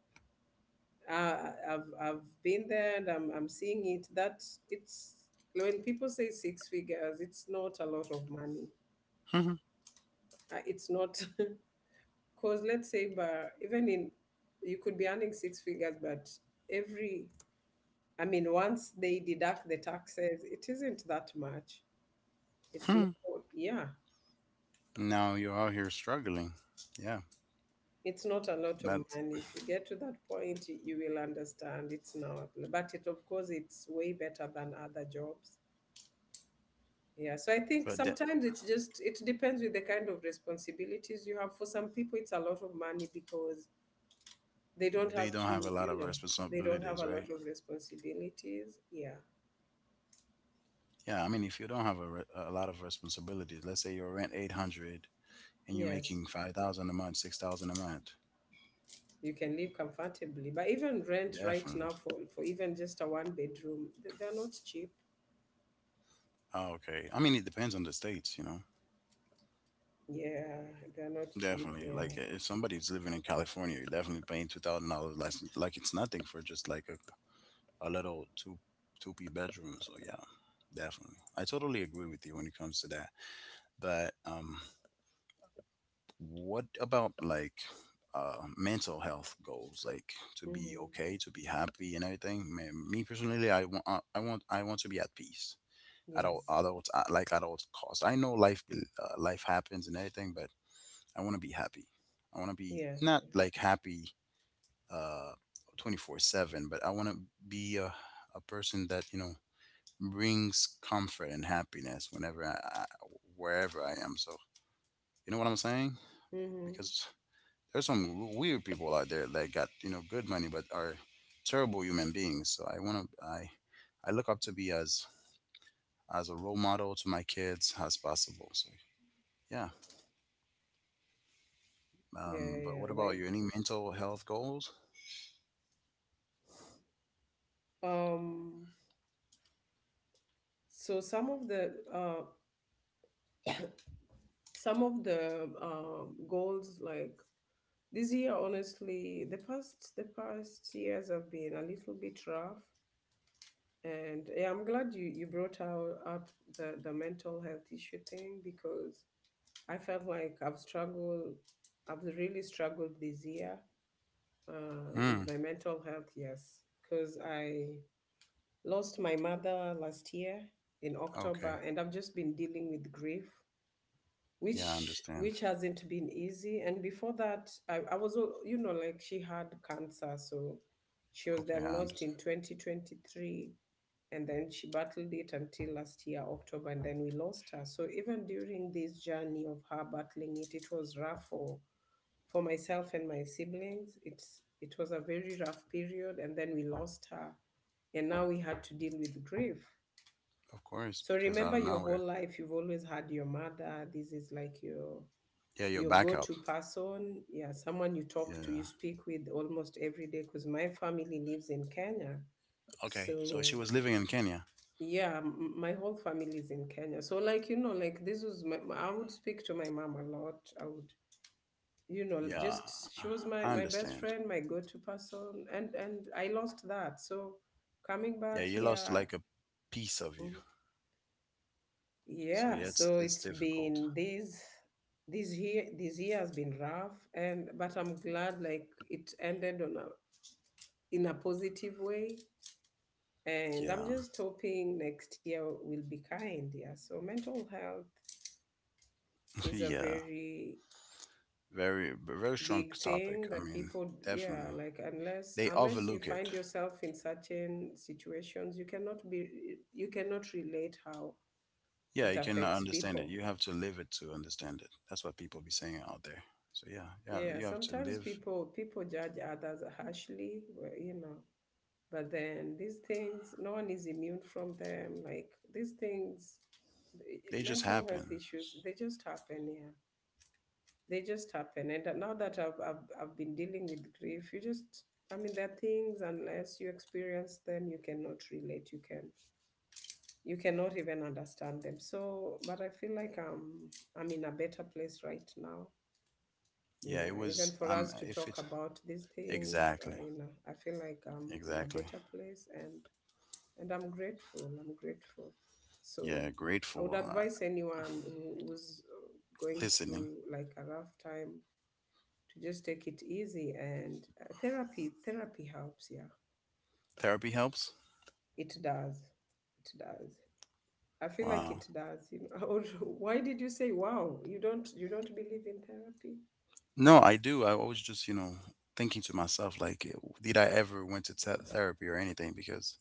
[SPEAKER 2] Uh, I've I've been there and I'm I'm seeing it that it's when people say six figures, it's not a lot of money
[SPEAKER 1] too.
[SPEAKER 2] uh, it's not <laughs> because let's say but even in you could be earning six figures but every I mean once they deduct the taxes it isn't that much. It's not,
[SPEAKER 1] <laughs>
[SPEAKER 2] yeah,
[SPEAKER 1] Now you're out here struggling. Yeah.
[SPEAKER 2] it's not a lot of
[SPEAKER 1] But
[SPEAKER 2] money. If you get to that point you, you will understand it's not, but it of course it's way better than other jobs. Yeah, so I think
[SPEAKER 1] but that
[SPEAKER 2] sometimes it's just, it depends with the kind of responsibilities you have. For some people it's a lot of money because they don't
[SPEAKER 1] they
[SPEAKER 2] have
[SPEAKER 1] don't
[SPEAKER 2] to,
[SPEAKER 1] have a lot
[SPEAKER 2] you
[SPEAKER 1] of
[SPEAKER 2] know, they don't have
[SPEAKER 1] responsibilities,
[SPEAKER 2] a
[SPEAKER 1] right?
[SPEAKER 2] lot of responsibilities. Yeah.
[SPEAKER 1] Yeah, I mean, if you don't have a, re- a lot of responsibilities, let's say your rent eight hundred and you're
[SPEAKER 2] Yes.
[SPEAKER 1] making five thousand a month, six thousand a month,
[SPEAKER 2] You can live comfortably. But even rent right
[SPEAKER 1] definitely.
[SPEAKER 2] now for, for even just a one bedroom, th- they're not cheap.
[SPEAKER 1] Oh, okay, I mean, it depends on the states, you know.
[SPEAKER 2] Yeah, they're not cheap.
[SPEAKER 1] Definitely,
[SPEAKER 2] Yeah.
[SPEAKER 1] like if somebody's living in California, you're definitely paying two thousand dollars less, like it's nothing for just like a, a little two two p bedroom. So yeah, definitely, I totally agree with you when it comes to that. But um, what about like, uh, mental health goals like to be
[SPEAKER 2] Mm-hmm.
[SPEAKER 1] okay, to be happy and everything. Me, me personally, i want i want I want to be at peace at all,
[SPEAKER 2] Yes.
[SPEAKER 1] at all, like at all cost. I know life, uh, life happens and everything, but I want to be happy. I want to be
[SPEAKER 2] Yes,
[SPEAKER 1] not
[SPEAKER 2] yes.
[SPEAKER 1] like happy, uh twenty-four seven, but I want to be a, a person that, you know, brings comfort and happiness whenever I, I wherever I am. So, you know what I'm saying?
[SPEAKER 2] Mm-hmm.
[SPEAKER 1] Because there's some weird people out there that got, you know, good money but are terrible human beings. So I want to I I look up to be as, as a role model to my kids as possible. So yeah.
[SPEAKER 2] Yeah,
[SPEAKER 1] Um,
[SPEAKER 2] yeah,
[SPEAKER 1] but
[SPEAKER 2] yeah.
[SPEAKER 1] what about
[SPEAKER 2] Like,
[SPEAKER 1] you? Any mental health goals?
[SPEAKER 2] um, so some of the uh <coughs> some of the um goals, like this year, honestly, the past the past years have been a little bit rough, and yeah, I'm glad you you brought out up the the mental health issue thing because I felt like I've struggled, I've really struggled this year uh,
[SPEAKER 1] Hmm.
[SPEAKER 2] with my mental health. Yes, because I lost my mother last year in
[SPEAKER 1] Okay.
[SPEAKER 2] October, and I've just been dealing with grief,
[SPEAKER 1] Yeah, I
[SPEAKER 2] which
[SPEAKER 1] understand.
[SPEAKER 2] which hasn't been easy. And before that I, I was al- you know, like, she had cancer, so she was
[SPEAKER 1] Okay, I
[SPEAKER 2] diagnosed
[SPEAKER 1] understand.
[SPEAKER 2] in twenty twenty-three, and then she battled it until last year October, and then we lost her. So even during this journey of her battling it, it was rough for for myself and my siblings. It's it was a very rough period, and then we lost her, and now we had to deal with grief.
[SPEAKER 1] Of course,
[SPEAKER 2] So
[SPEAKER 1] because out
[SPEAKER 2] remember,
[SPEAKER 1] of
[SPEAKER 2] your whole
[SPEAKER 1] nowhere.
[SPEAKER 2] life you've always had your mother. This is like your
[SPEAKER 1] Yeah, your
[SPEAKER 2] your
[SPEAKER 1] backup.
[SPEAKER 2] go-to person. Yeah, someone you talk to, you
[SPEAKER 1] Yeah.
[SPEAKER 2] speak with almost every day, because my family lives in Kenya.
[SPEAKER 1] Okay. So she
[SPEAKER 2] So
[SPEAKER 1] was living in Kenya.
[SPEAKER 2] yeah, m- my whole family is in Kenya. So, like, you know, like, this was my, I would speak to my mom a lot. I would, you know,
[SPEAKER 1] Yeah,
[SPEAKER 2] just, she was
[SPEAKER 1] I
[SPEAKER 2] my, my best
[SPEAKER 1] understand.
[SPEAKER 2] friend, my go-to person, and and I lost that. So coming
[SPEAKER 1] Yeah,
[SPEAKER 2] back
[SPEAKER 1] you lost
[SPEAKER 2] here.
[SPEAKER 1] like a piece of you. So
[SPEAKER 2] Yeah,
[SPEAKER 1] yeah, it's
[SPEAKER 2] so
[SPEAKER 1] it's
[SPEAKER 2] it's
[SPEAKER 1] difficult.
[SPEAKER 2] been this, this year this year has been rough. And but I'm glad like it ended on a, in a positive way. And I'm
[SPEAKER 1] Yeah.
[SPEAKER 2] just hoping next year will be kind. Yeah. So mental health is a
[SPEAKER 1] Yeah,
[SPEAKER 2] very
[SPEAKER 1] very, very strong
[SPEAKER 2] big
[SPEAKER 1] topic.
[SPEAKER 2] thing
[SPEAKER 1] I
[SPEAKER 2] that
[SPEAKER 1] mean,
[SPEAKER 2] people, yeah,
[SPEAKER 1] definitely
[SPEAKER 2] like, unless
[SPEAKER 1] they
[SPEAKER 2] unless you
[SPEAKER 1] overlook it.
[SPEAKER 2] find yourself in certain situations, you cannot be you cannot relate how
[SPEAKER 1] Yeah,
[SPEAKER 2] it
[SPEAKER 1] you cannot
[SPEAKER 2] affects
[SPEAKER 1] understand it.
[SPEAKER 2] people.
[SPEAKER 1] You have to live it to understand it. That's what people be saying out there. So yeah, yeah,
[SPEAKER 2] Yeah,
[SPEAKER 1] you have to
[SPEAKER 2] sometimes
[SPEAKER 1] live.
[SPEAKER 2] people, people judge others harshly, but, you know, but then these things, no one is immune from them. Like these things, the-
[SPEAKER 1] They just
[SPEAKER 2] mental health
[SPEAKER 1] happen.
[SPEAKER 2] issues, they just happen. Yeah, they just happen. And now that I've I've, I've been dealing with grief, you just, I mean, there are things unless you experience them, you cannot relate. You can you cannot even understand them. So, but I feel like I'm I'm in a better place right now.
[SPEAKER 1] Yeah,
[SPEAKER 2] Yeah,
[SPEAKER 1] it
[SPEAKER 2] even
[SPEAKER 1] was.
[SPEAKER 2] for us
[SPEAKER 1] Um,
[SPEAKER 2] to
[SPEAKER 1] if
[SPEAKER 2] talk
[SPEAKER 1] it,
[SPEAKER 2] about these things, uh,
[SPEAKER 1] exactly,
[SPEAKER 2] you know, I feel like I'm in a
[SPEAKER 1] exactly.
[SPEAKER 2] better place. And and I'm grateful. I'm grateful. So
[SPEAKER 1] Yeah,
[SPEAKER 2] I would
[SPEAKER 1] grateful. Uh,
[SPEAKER 2] advise anyone who, who's uh, going through
[SPEAKER 1] listening,
[SPEAKER 2] like a rough time, to just take it easy, and uh, therapy, therapy helps, yeah.
[SPEAKER 1] therapy helps.
[SPEAKER 2] It does. It does. I feel like
[SPEAKER 1] Wow.
[SPEAKER 2] it does, you know. <laughs> Or why did you say wow? You don't, you don't believe in therapy?
[SPEAKER 1] No, I do. I always just, you know, thinking to myself like, did I ever went to te- therapy or anything? Because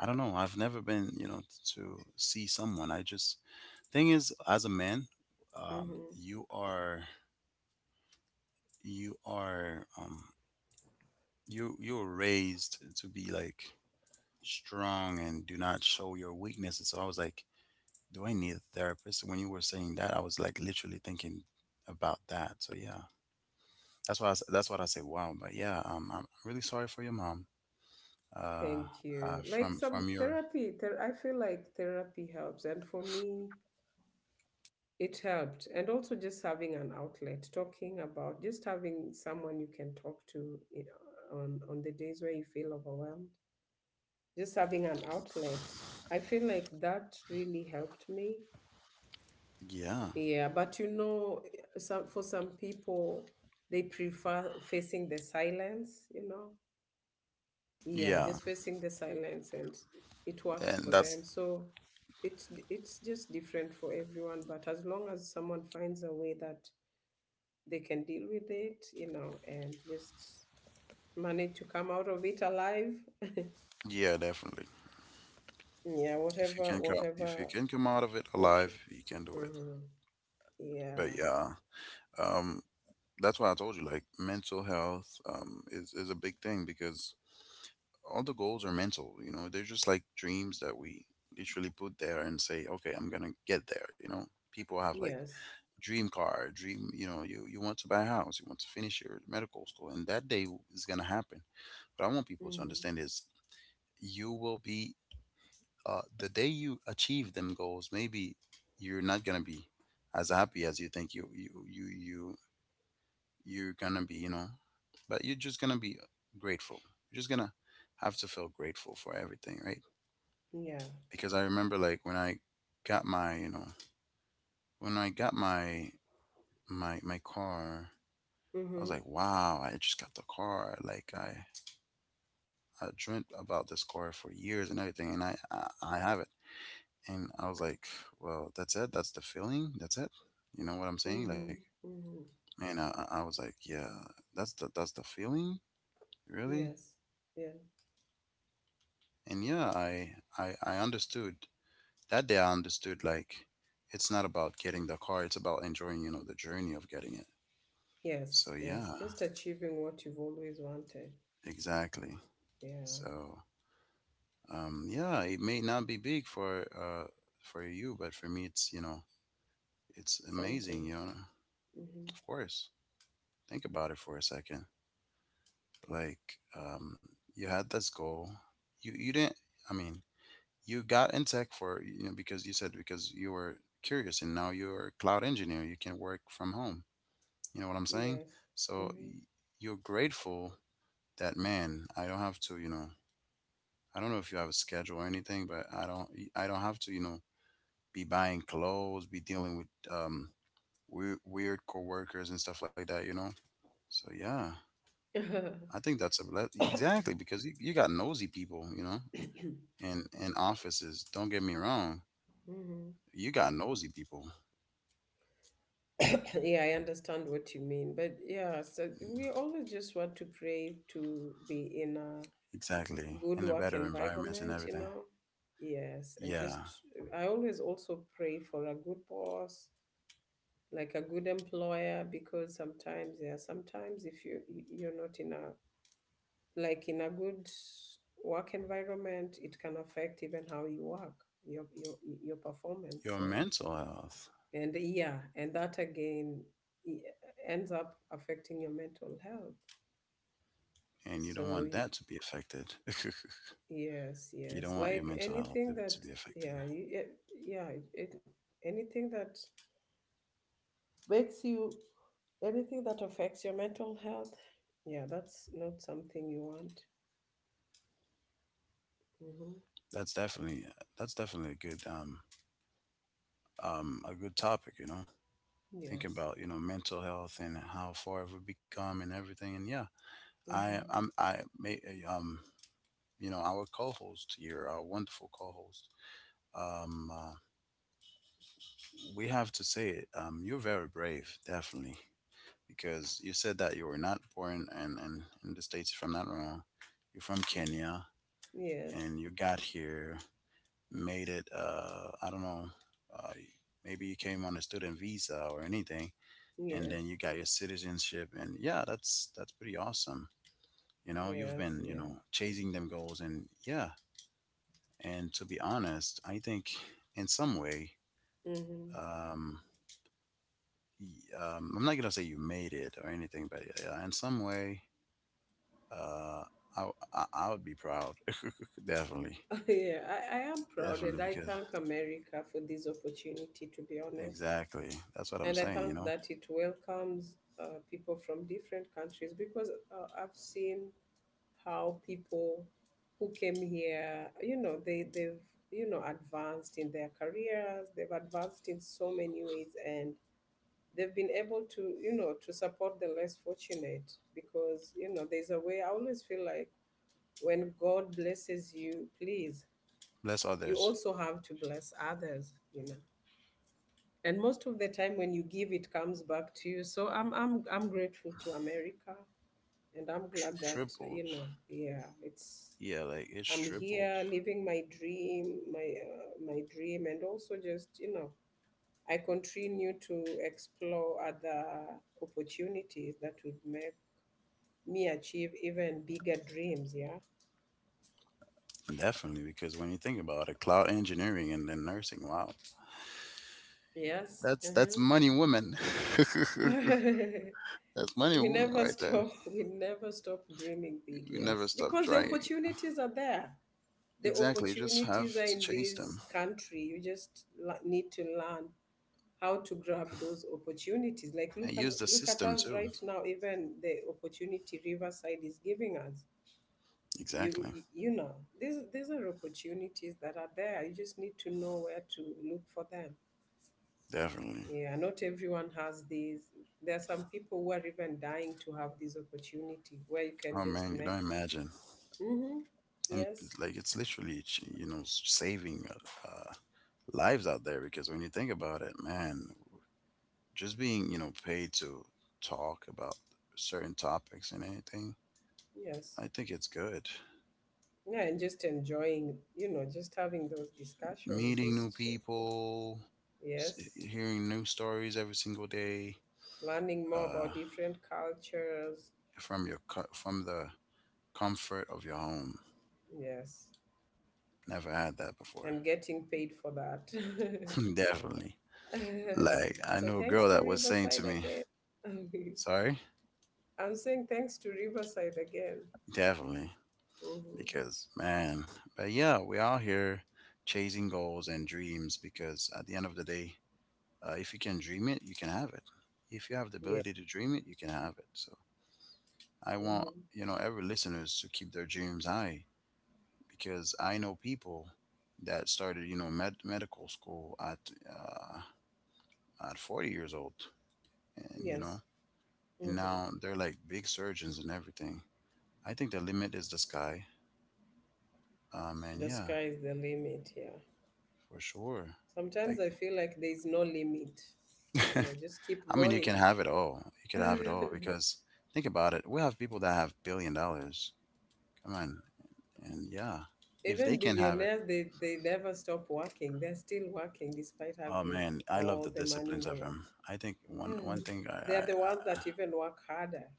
[SPEAKER 1] I don't know. I've never been, you know, t- to see someone. I just, thing is, as a man, um,
[SPEAKER 2] Mm-hmm.
[SPEAKER 1] you are, you are um, you you're raised to be like strong and do not show your weaknesses. So I was like, do I need a therapist? When you were saying that, I was like literally thinking about that. So yeah, that's why I, s- that's what I say. Wow. But yeah, um, I'm really sorry for your mom. Uh,
[SPEAKER 2] Thank
[SPEAKER 1] uh,
[SPEAKER 2] you. Like,
[SPEAKER 1] from
[SPEAKER 2] some
[SPEAKER 1] from your,
[SPEAKER 2] therapy, ther- I feel like therapy helps. And for me, it helped. And also just having an outlet, talking about, just having someone you can talk to, you know, on, on the days where you feel overwhelmed. Just having an outlet. I feel like that really helped me.
[SPEAKER 1] yeah,
[SPEAKER 2] Yeah, but you know, some for some people, they prefer facing the silence, you know, yeah,
[SPEAKER 1] yeah,
[SPEAKER 2] just facing the silence. And it works
[SPEAKER 1] and
[SPEAKER 2] for them,
[SPEAKER 1] that's,
[SPEAKER 2] so it's it's just different for everyone. But as long as someone finds a way that they can deal with it, you know, and just manage to come out of it alive <laughs>
[SPEAKER 1] yeah, definitely.
[SPEAKER 2] yeah,
[SPEAKER 1] If you
[SPEAKER 2] whatever,
[SPEAKER 1] can come, if you
[SPEAKER 2] whatever
[SPEAKER 1] can come out of it
[SPEAKER 2] option.
[SPEAKER 1] alive, you can do it.
[SPEAKER 2] Mhm.
[SPEAKER 1] But
[SPEAKER 2] Yeah.
[SPEAKER 1] yeah, um, that's why I told you like mental health, um, is is a big thing because all the goals are mental. You know, they're just like dreams that we literally put there and say, okay, I'm gonna get there. You know, people have like
[SPEAKER 2] Yes.
[SPEAKER 1] dream car, dream. You know, you you want to buy a house, you want to finish your medical school, and that day is gonna happen. But I want people to
[SPEAKER 2] Hmm.
[SPEAKER 1] understand is, you will be, uh, the day you achieve them goals, maybe you're not gonna be as happy as you think you you you you you're gonna be, you know. But you're just gonna be grateful. You're just gonna have to feel grateful for everything, right?
[SPEAKER 2] Yeah.
[SPEAKER 1] Because I remember like when I got my, you know, when I got my my my car, I was
[SPEAKER 2] Hmm.
[SPEAKER 1] like, wow, I just got the car. Like I I dreamt about this car for years and everything, and I I, I have it. And I was like, well, that's it. That's the feeling. That's it. You know what I'm saying? Like,
[SPEAKER 2] Hmm. Hmm.
[SPEAKER 1] man, I, I I was like, yeah, that's the that's the feeling, really.
[SPEAKER 2] Yes. Yeah.
[SPEAKER 1] And yeah, I I I understood that day. I understood like it's not about getting the car. It's about enjoying, you know, the journey of getting it. So
[SPEAKER 2] Yes, yes,
[SPEAKER 1] yeah,
[SPEAKER 2] just achieving what you've always wanted.
[SPEAKER 1] exactly.
[SPEAKER 2] Yeah.
[SPEAKER 1] So um, yeah, it may not be big for uh for you, but for me, it's you know, it's amazing.
[SPEAKER 2] Something.
[SPEAKER 1] You know,
[SPEAKER 2] Hmm.
[SPEAKER 1] of course. Think about it for a second. Like, um, you had this goal. You you didn't. I mean, you got in tech for you know because you said because you were curious, and now you're a cloud engineer. You can work from home. You know what I'm saying?
[SPEAKER 2] Yes.
[SPEAKER 1] So
[SPEAKER 2] Hmm.
[SPEAKER 1] y- you're grateful that man. I don't have to. You know, I don't know if you have a schedule or anything, but I don't. I don't have to. You know, be buying clothes, be dealing with um weird weird coworkers and stuff like that. You know. So yeah, I
[SPEAKER 2] <laughs>
[SPEAKER 1] think that's a ble- exactly because you, you got nosy people, you know,
[SPEAKER 2] Hmm.
[SPEAKER 1] in in offices. Don't get me wrong, you got nosy people.
[SPEAKER 2] <coughs> Yeah, I understand what you mean. But yeah, so we always just want to pray to be in a
[SPEAKER 1] Exactly.
[SPEAKER 2] good
[SPEAKER 1] In the
[SPEAKER 2] work
[SPEAKER 1] better environments and
[SPEAKER 2] environment, you
[SPEAKER 1] everything.
[SPEAKER 2] know? Yes. And
[SPEAKER 1] Yeah.
[SPEAKER 2] just, I always also pray for a good boss, like a good employer, because sometimes, yeah, sometimes if you, you're not in a, like in a good work environment, it can affect even how you work, your, your your performance.
[SPEAKER 1] Your
[SPEAKER 2] So
[SPEAKER 1] mental health.
[SPEAKER 2] and yeah, and that again e- ends up affecting your mental health.
[SPEAKER 1] And you don't
[SPEAKER 2] So
[SPEAKER 1] want
[SPEAKER 2] y-
[SPEAKER 1] that to be affected. <laughs>
[SPEAKER 2] yes,
[SPEAKER 1] You
[SPEAKER 2] yes,
[SPEAKER 1] don't want your
[SPEAKER 2] like
[SPEAKER 1] mental health
[SPEAKER 2] anything
[SPEAKER 1] to,
[SPEAKER 2] that,
[SPEAKER 1] to be
[SPEAKER 2] yeah,
[SPEAKER 1] affected.
[SPEAKER 2] y- e, yeah, it, anything that makes you anything that affects your mental health, yeah, that's not something you want. Hmm.
[SPEAKER 1] That's definitely, that's definitely a good um um a good topic, you know. Thinking
[SPEAKER 2] Yes.
[SPEAKER 1] about, you know, mental health and how far we've become and everything. And yeah, I
[SPEAKER 2] Hmm.
[SPEAKER 1] I'm I may um you know, our co host here, our wonderful co host. Um uh, we have to say it. Um, you're very brave, definitely, because you said that you were not born in, in, in the States, if I'm not wrong. You're from Kenya
[SPEAKER 2] Yes,
[SPEAKER 1] and you got here, made it, uh, I don't know, uh, maybe you came on a student visa or anything, and then
[SPEAKER 2] yes.
[SPEAKER 1] you got your citizenship. And yeah, that's, that's pretty awesome. You know, you've
[SPEAKER 2] Yes,
[SPEAKER 1] been, you
[SPEAKER 2] yeah.
[SPEAKER 1] know, chasing them goals. And yeah, and to be honest, I think in some way,
[SPEAKER 2] Mm-hmm.
[SPEAKER 1] um, y- um, I'm not gonna say you made it or anything, but yeah, in some way, uh, I, I I would be proud, <laughs> definitely,
[SPEAKER 2] <laughs> Yeah, I, I am proud, and
[SPEAKER 1] definitely,
[SPEAKER 2] I
[SPEAKER 1] because
[SPEAKER 2] thank America for this opportunity, to be honest.
[SPEAKER 1] exactly, that's what I'm
[SPEAKER 2] And I
[SPEAKER 1] saying.
[SPEAKER 2] thank
[SPEAKER 1] You know,
[SPEAKER 2] that it welcomes uh, people from different countries, because uh, I've seen how people who came here, you know, they, they've, you know, advanced in their careers, they've advanced in so many ways, and they've been able to, you know, to support the less fortunate. Because, you know, there's a way I always feel like when God blesses you, please,
[SPEAKER 1] bless
[SPEAKER 2] you
[SPEAKER 1] others,
[SPEAKER 2] also have to bless others, you know. And most of the time when you give, it comes back to you. So I'm I'm I'm grateful to America, and I'm
[SPEAKER 1] tr-
[SPEAKER 2] glad that,
[SPEAKER 1] tripled.
[SPEAKER 2] you know, yeah, it's
[SPEAKER 1] Yeah, like it's
[SPEAKER 2] I'm
[SPEAKER 1] tripled,
[SPEAKER 2] here living my dream, my uh, my dream. And also just, you know, I continue to explore other opportunities that would make me achieve even bigger dreams, yeah.
[SPEAKER 1] definitely, because when you think about it, cloud engineering and then nursing, wow,
[SPEAKER 2] Yes.
[SPEAKER 1] that's that's money, woman. <laughs>
[SPEAKER 2] Uh-huh. <laughs>
[SPEAKER 1] That's money,
[SPEAKER 2] We
[SPEAKER 1] woman,
[SPEAKER 2] never
[SPEAKER 1] right there.
[SPEAKER 2] stop. <laughs> We never stop dreaming big,
[SPEAKER 1] You never
[SPEAKER 2] yes.
[SPEAKER 1] stop
[SPEAKER 2] Because the
[SPEAKER 1] trying.
[SPEAKER 2] opportunities are there. The
[SPEAKER 1] Exactly, you just
[SPEAKER 2] opportunities
[SPEAKER 1] have
[SPEAKER 2] are
[SPEAKER 1] to
[SPEAKER 2] in
[SPEAKER 1] chase them
[SPEAKER 2] this country. You just la- need to learn how to grab those opportunities. Like,
[SPEAKER 1] and
[SPEAKER 2] look at,
[SPEAKER 1] use the
[SPEAKER 2] look at
[SPEAKER 1] system
[SPEAKER 2] us
[SPEAKER 1] too.
[SPEAKER 2] right now. Even the opportunity Riverside is giving us. You
[SPEAKER 1] Exactly.
[SPEAKER 2] you you know, these these are opportunities that are there. You just need to know where to look for them.
[SPEAKER 1] Definitely.
[SPEAKER 2] Yeah, not everyone has these. There are some people who are even dying to have this opportunity where you can
[SPEAKER 1] Oh
[SPEAKER 2] just
[SPEAKER 1] man, you
[SPEAKER 2] make.
[SPEAKER 1] don't imagine.
[SPEAKER 2] Mm-hmm.
[SPEAKER 1] And
[SPEAKER 2] Yes,
[SPEAKER 1] like it's literally ch- you know s- saving uh, uh, lives out there because when you think about it, man, just being you know paid to talk about certain topics and anything,
[SPEAKER 2] yes.
[SPEAKER 1] I think it's good.
[SPEAKER 2] Yeah, and just enjoying, you know, just having those discussions,
[SPEAKER 1] Meeting new
[SPEAKER 2] just, sh-
[SPEAKER 1] people, s-
[SPEAKER 2] yes,
[SPEAKER 1] hearing new stories every single day,
[SPEAKER 2] learning more
[SPEAKER 1] uh,
[SPEAKER 2] about different cultures.
[SPEAKER 1] from your co- from the comfort of your home.
[SPEAKER 2] Yes,
[SPEAKER 1] Never had that before.
[SPEAKER 2] and getting paid for that.
[SPEAKER 1] <laughs> Definitely. Like
[SPEAKER 2] <laughs>
[SPEAKER 1] I
[SPEAKER 2] So
[SPEAKER 1] know a
[SPEAKER 2] thanks
[SPEAKER 1] girl
[SPEAKER 2] to
[SPEAKER 1] that was saying
[SPEAKER 2] Riverside
[SPEAKER 1] to me,
[SPEAKER 2] again. <laughs>
[SPEAKER 1] "Sorry."
[SPEAKER 2] I'm saying thanks to Riverside again.
[SPEAKER 1] Definitely,
[SPEAKER 2] Mm-hmm.
[SPEAKER 1] because man, but yeah, we're here chasing goals and dreams because at the end of the day, uh, if you can dream it, you can have it. If you have the
[SPEAKER 2] Yeah.
[SPEAKER 1] ability to dream it, you can have it. So I want
[SPEAKER 2] Mm-hmm.
[SPEAKER 1] you know every listeners to keep their dreams high because I know people that started you know med- medical school at uh, at forty years old, and you
[SPEAKER 2] Yes.
[SPEAKER 1] know, and
[SPEAKER 2] Hmm.
[SPEAKER 1] now they're like big surgeons and everything. I think the limit is the sky. Um, and
[SPEAKER 2] The
[SPEAKER 1] yeah,
[SPEAKER 2] sky is the limit, yeah.
[SPEAKER 1] for sure.
[SPEAKER 2] Sometimes
[SPEAKER 1] Like
[SPEAKER 2] I feel like there's no limit.
[SPEAKER 1] <laughs>
[SPEAKER 2] You know, just keep
[SPEAKER 1] I mean, you can
[SPEAKER 2] going.
[SPEAKER 1] have it all. You could have it all
[SPEAKER 2] <laughs>
[SPEAKER 1] because think about it. We have people that have billion dollars. Come on, and yeah, if they
[SPEAKER 2] Even
[SPEAKER 1] can have it,
[SPEAKER 2] billionaires, they, they never stop working. They're still working despite
[SPEAKER 1] oh
[SPEAKER 2] having
[SPEAKER 1] man, I love
[SPEAKER 2] all
[SPEAKER 1] the
[SPEAKER 2] the money
[SPEAKER 1] disciplines
[SPEAKER 2] in the
[SPEAKER 1] of
[SPEAKER 2] world.
[SPEAKER 1] him. I think one one
[SPEAKER 2] Mm.
[SPEAKER 1] thing, I,
[SPEAKER 2] They are
[SPEAKER 1] I,
[SPEAKER 2] the ones
[SPEAKER 1] I
[SPEAKER 2] that even work harder.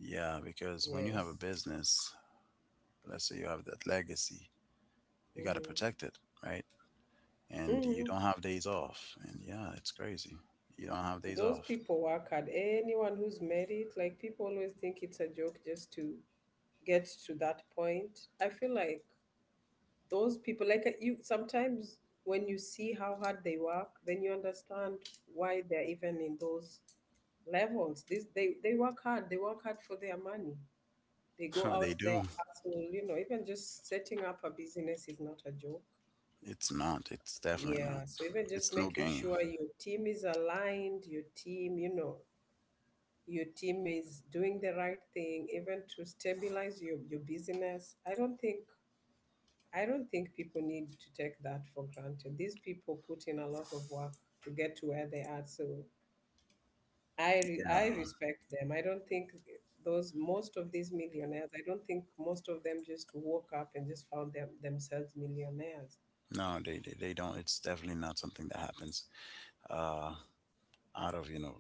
[SPEAKER 1] yeah, because when you have a
[SPEAKER 2] Yes.
[SPEAKER 1] business, let's say you have that legacy, you got to
[SPEAKER 2] Hmm.
[SPEAKER 1] protect it, right? And you
[SPEAKER 2] Hmm.
[SPEAKER 1] don't have days off, and yeah, it's crazy. You don't have days
[SPEAKER 2] Those
[SPEAKER 1] off.
[SPEAKER 2] people work hard. Anyone who's made it, like, people always think it's a joke just to get to that point. I feel like those people, like, uh, you, sometimes when you see how hard they work, then you understand why they're even in those levels. This they they work hard, they work hard for their money, they go
[SPEAKER 1] <laughs> They
[SPEAKER 2] out
[SPEAKER 1] do.
[SPEAKER 2] there, hustle, you know. Even just setting up a business is not a joke.
[SPEAKER 1] It's not. It's definitely not.
[SPEAKER 2] Yeah, so even just
[SPEAKER 1] It's no
[SPEAKER 2] making
[SPEAKER 1] game.
[SPEAKER 2] sure your team is aligned, your team, you know, your team is doing the right thing, even to stabilize your, your business. i don't think I don't think people need to take that for granted. These people put in a lot of work to get to where they are. So I re- I
[SPEAKER 1] Yeah.
[SPEAKER 2] respect them. I don't think those most of these millionaires, I don't think most of them just woke up and just found them themselves millionaires
[SPEAKER 1] No, they, they they don't. It's definitely not something that happens uh, out of you know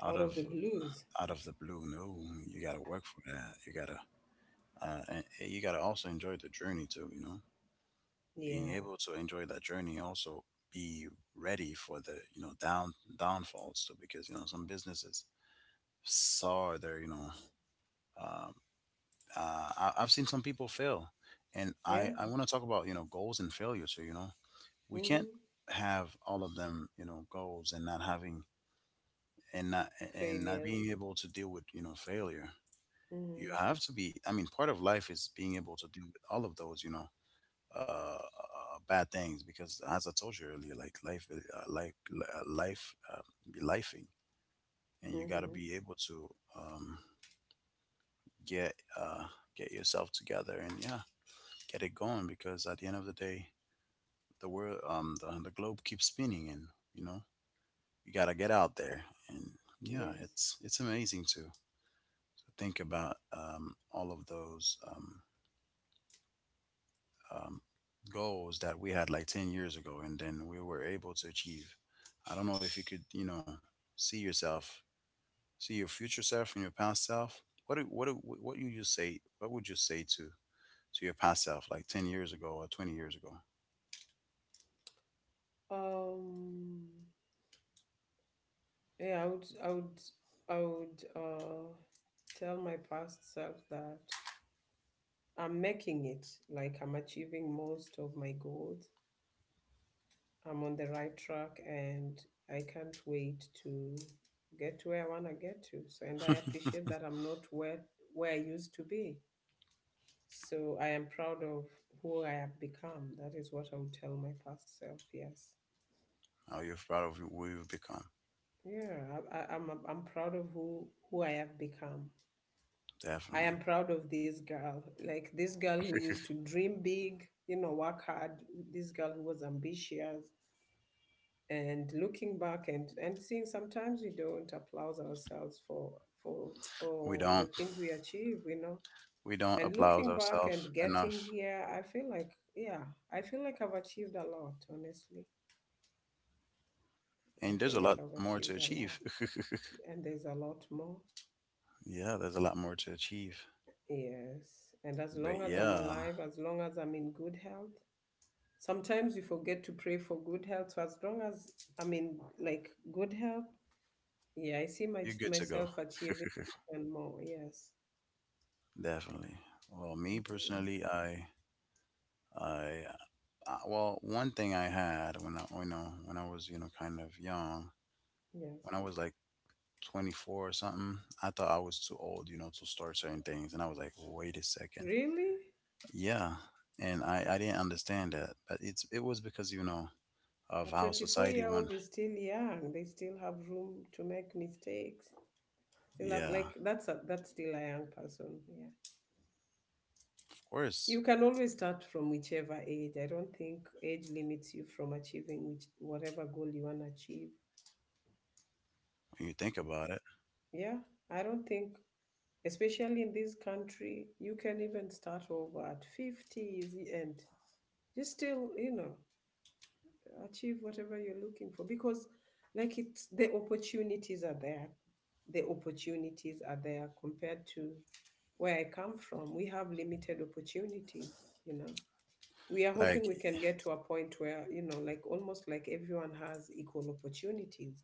[SPEAKER 1] out
[SPEAKER 2] out of
[SPEAKER 1] of
[SPEAKER 2] the blues.
[SPEAKER 1] out of the blue. No, you gotta work for that. You gotta uh, and you gotta also enjoy the journey too. You know, being
[SPEAKER 2] Yeah,
[SPEAKER 1] able to enjoy that journey also be ready for the you know down downfalls too because you know some businesses saw their you know um, uh, I, I've seen some people fail, and
[SPEAKER 2] yeah.
[SPEAKER 1] I I want to talk about you know goals and failure too. You know, we can't
[SPEAKER 2] Mm-hmm.
[SPEAKER 1] have all of them you know goals and not having and not and not
[SPEAKER 2] Failures.
[SPEAKER 1] being able to deal with you know failure. You
[SPEAKER 2] Mm-hmm.
[SPEAKER 1] have to be, I mean, part of life is being able to deal with all of those you know uh, uh bad things because as I told you earlier, like life is- uh, life li- uh, life uh, be lifing, and you got to
[SPEAKER 2] Mm-hmm.
[SPEAKER 1] be able to um get uh get yourself together and yeah get it going because at the end of the day the world um the, the globe keeps spinning and you know you got to get out there and yeah
[SPEAKER 2] Yes.
[SPEAKER 1] it's it's amazing too. Think about um, all of those um, um, goals that we had like ten years ago and then we were able to achieve. I don't know if you could, you know, see yourself, see your future self and your past self. What do, what do, what you just say? What would you say to to your past self, like ten years ago or twenty years ago?
[SPEAKER 2] Um. Yeah. I would. I would. I would. Uh, tell my past self that I'm making it. Like, I'm achieving most of my goals. I'm on the right track, and I can't wait to get to where I want to get to. So, and I appreciate that I'm not where where I used to be. So I am proud of who I have become. That is what I would tell my past self. Yes.
[SPEAKER 1] How you're proud of who you've become?
[SPEAKER 2] Yeah, I, I, I'm I'm proud of who who I have become. I
[SPEAKER 1] Definitely.
[SPEAKER 2] am
[SPEAKER 1] <laughs>
[SPEAKER 2] proud of this girl, like, this girl who used to dream big, you know, work hard. This girl who was ambitious, and looking back and and seeing, sometimes we don't applaud ourselves for for
[SPEAKER 1] We
[SPEAKER 2] for the
[SPEAKER 1] don't,
[SPEAKER 2] things we achieve, you know.
[SPEAKER 1] we don't
[SPEAKER 2] And
[SPEAKER 1] applaud
[SPEAKER 2] looking back
[SPEAKER 1] ourselves
[SPEAKER 2] and getting
[SPEAKER 1] enough,
[SPEAKER 2] here, I feel like, yeah, I feel like I've achieved a lot, honestly. I
[SPEAKER 1] and there's
[SPEAKER 2] feel
[SPEAKER 1] a lot
[SPEAKER 2] like I've
[SPEAKER 1] more to
[SPEAKER 2] achieved a
[SPEAKER 1] achieve.
[SPEAKER 2] lot,
[SPEAKER 1] <laughs>
[SPEAKER 2] and there's a lot more.
[SPEAKER 1] Yeah, there's a lot more to achieve.
[SPEAKER 2] Yes, and as
[SPEAKER 1] But
[SPEAKER 2] long as I'm
[SPEAKER 1] yeah,
[SPEAKER 2] alive, as long as I'm in good health, sometimes we forget to pray for good health. So as long as I'm in, like, good health, yeah, I see my,
[SPEAKER 1] you're good to go.
[SPEAKER 2] myself achieving and more. Yes.
[SPEAKER 1] <laughs> Definitely. Well, me
[SPEAKER 2] Mhm.
[SPEAKER 1] personally, I, I, uh, well, one thing I had when I, you know, when I was, you know, kind of young,
[SPEAKER 2] Yes.
[SPEAKER 1] when I was like twenty-four or something, I thought I was too old, you know, to start certain things, and I was like, wait a second,
[SPEAKER 2] Really?
[SPEAKER 1] yeah, and I, I didn't understand that, but it's, it was because, you know, of
[SPEAKER 2] A
[SPEAKER 1] how
[SPEAKER 2] twenty-four
[SPEAKER 1] society
[SPEAKER 2] year
[SPEAKER 1] went.
[SPEAKER 2] old is still young. They still have room to make mistakes. Still have
[SPEAKER 1] Yeah, of
[SPEAKER 2] like that's a that's still a young person. Yeah.
[SPEAKER 1] course.
[SPEAKER 2] You can always start from whichever age. I don't think age limits you from achieving which whatever goal you want to achieve.
[SPEAKER 1] When you think about it,
[SPEAKER 2] Yeah. I don't think, especially in this country, you can even start over at fifties and you still, you know, achieve whatever you're looking for, because like it's the opportunities are there the opportunities are there compared to where I come from. We have limited opportunities, you know. We are
[SPEAKER 1] like
[SPEAKER 2] hoping we can get to a point where, you know, like almost like everyone has equal opportunities.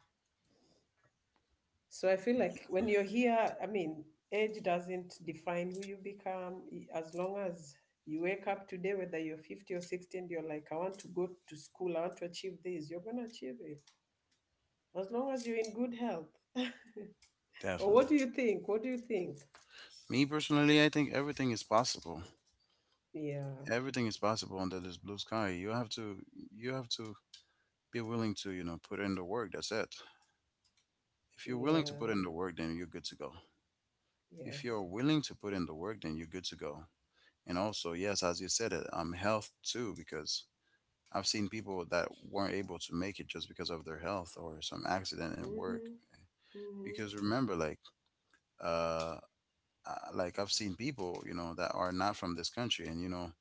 [SPEAKER 2] So I feel like when you're here, I mean, age doesn't define who you become, E, as long as you wake up today, whether you're fifty or sixty, and you're like, I want to go to school, I want to achieve this, you're going to achieve it, as long as you're in good health. Or
[SPEAKER 1] definitely.
[SPEAKER 2] what do you think? What do you think?
[SPEAKER 1] Me personally, I think everything is possible.
[SPEAKER 2] Yeah,
[SPEAKER 1] Everything is possible under this blue sky. You have to, you have to be willing to, you know, put in the work. That's it. If you're willing to
[SPEAKER 2] yeah,
[SPEAKER 1] put in the work, then you're good to go. If you're
[SPEAKER 2] yes.
[SPEAKER 1] willing to put in the work, then you're good to go. And also, yes, as you said it, um health too, because I've seen people that weren't able to make it just because of their health or some accident in work.
[SPEAKER 2] Mm-hmm. Mm-hmm.
[SPEAKER 1] Because remember, like uh uh, like I've seen people, you know, that are not from this country and you know,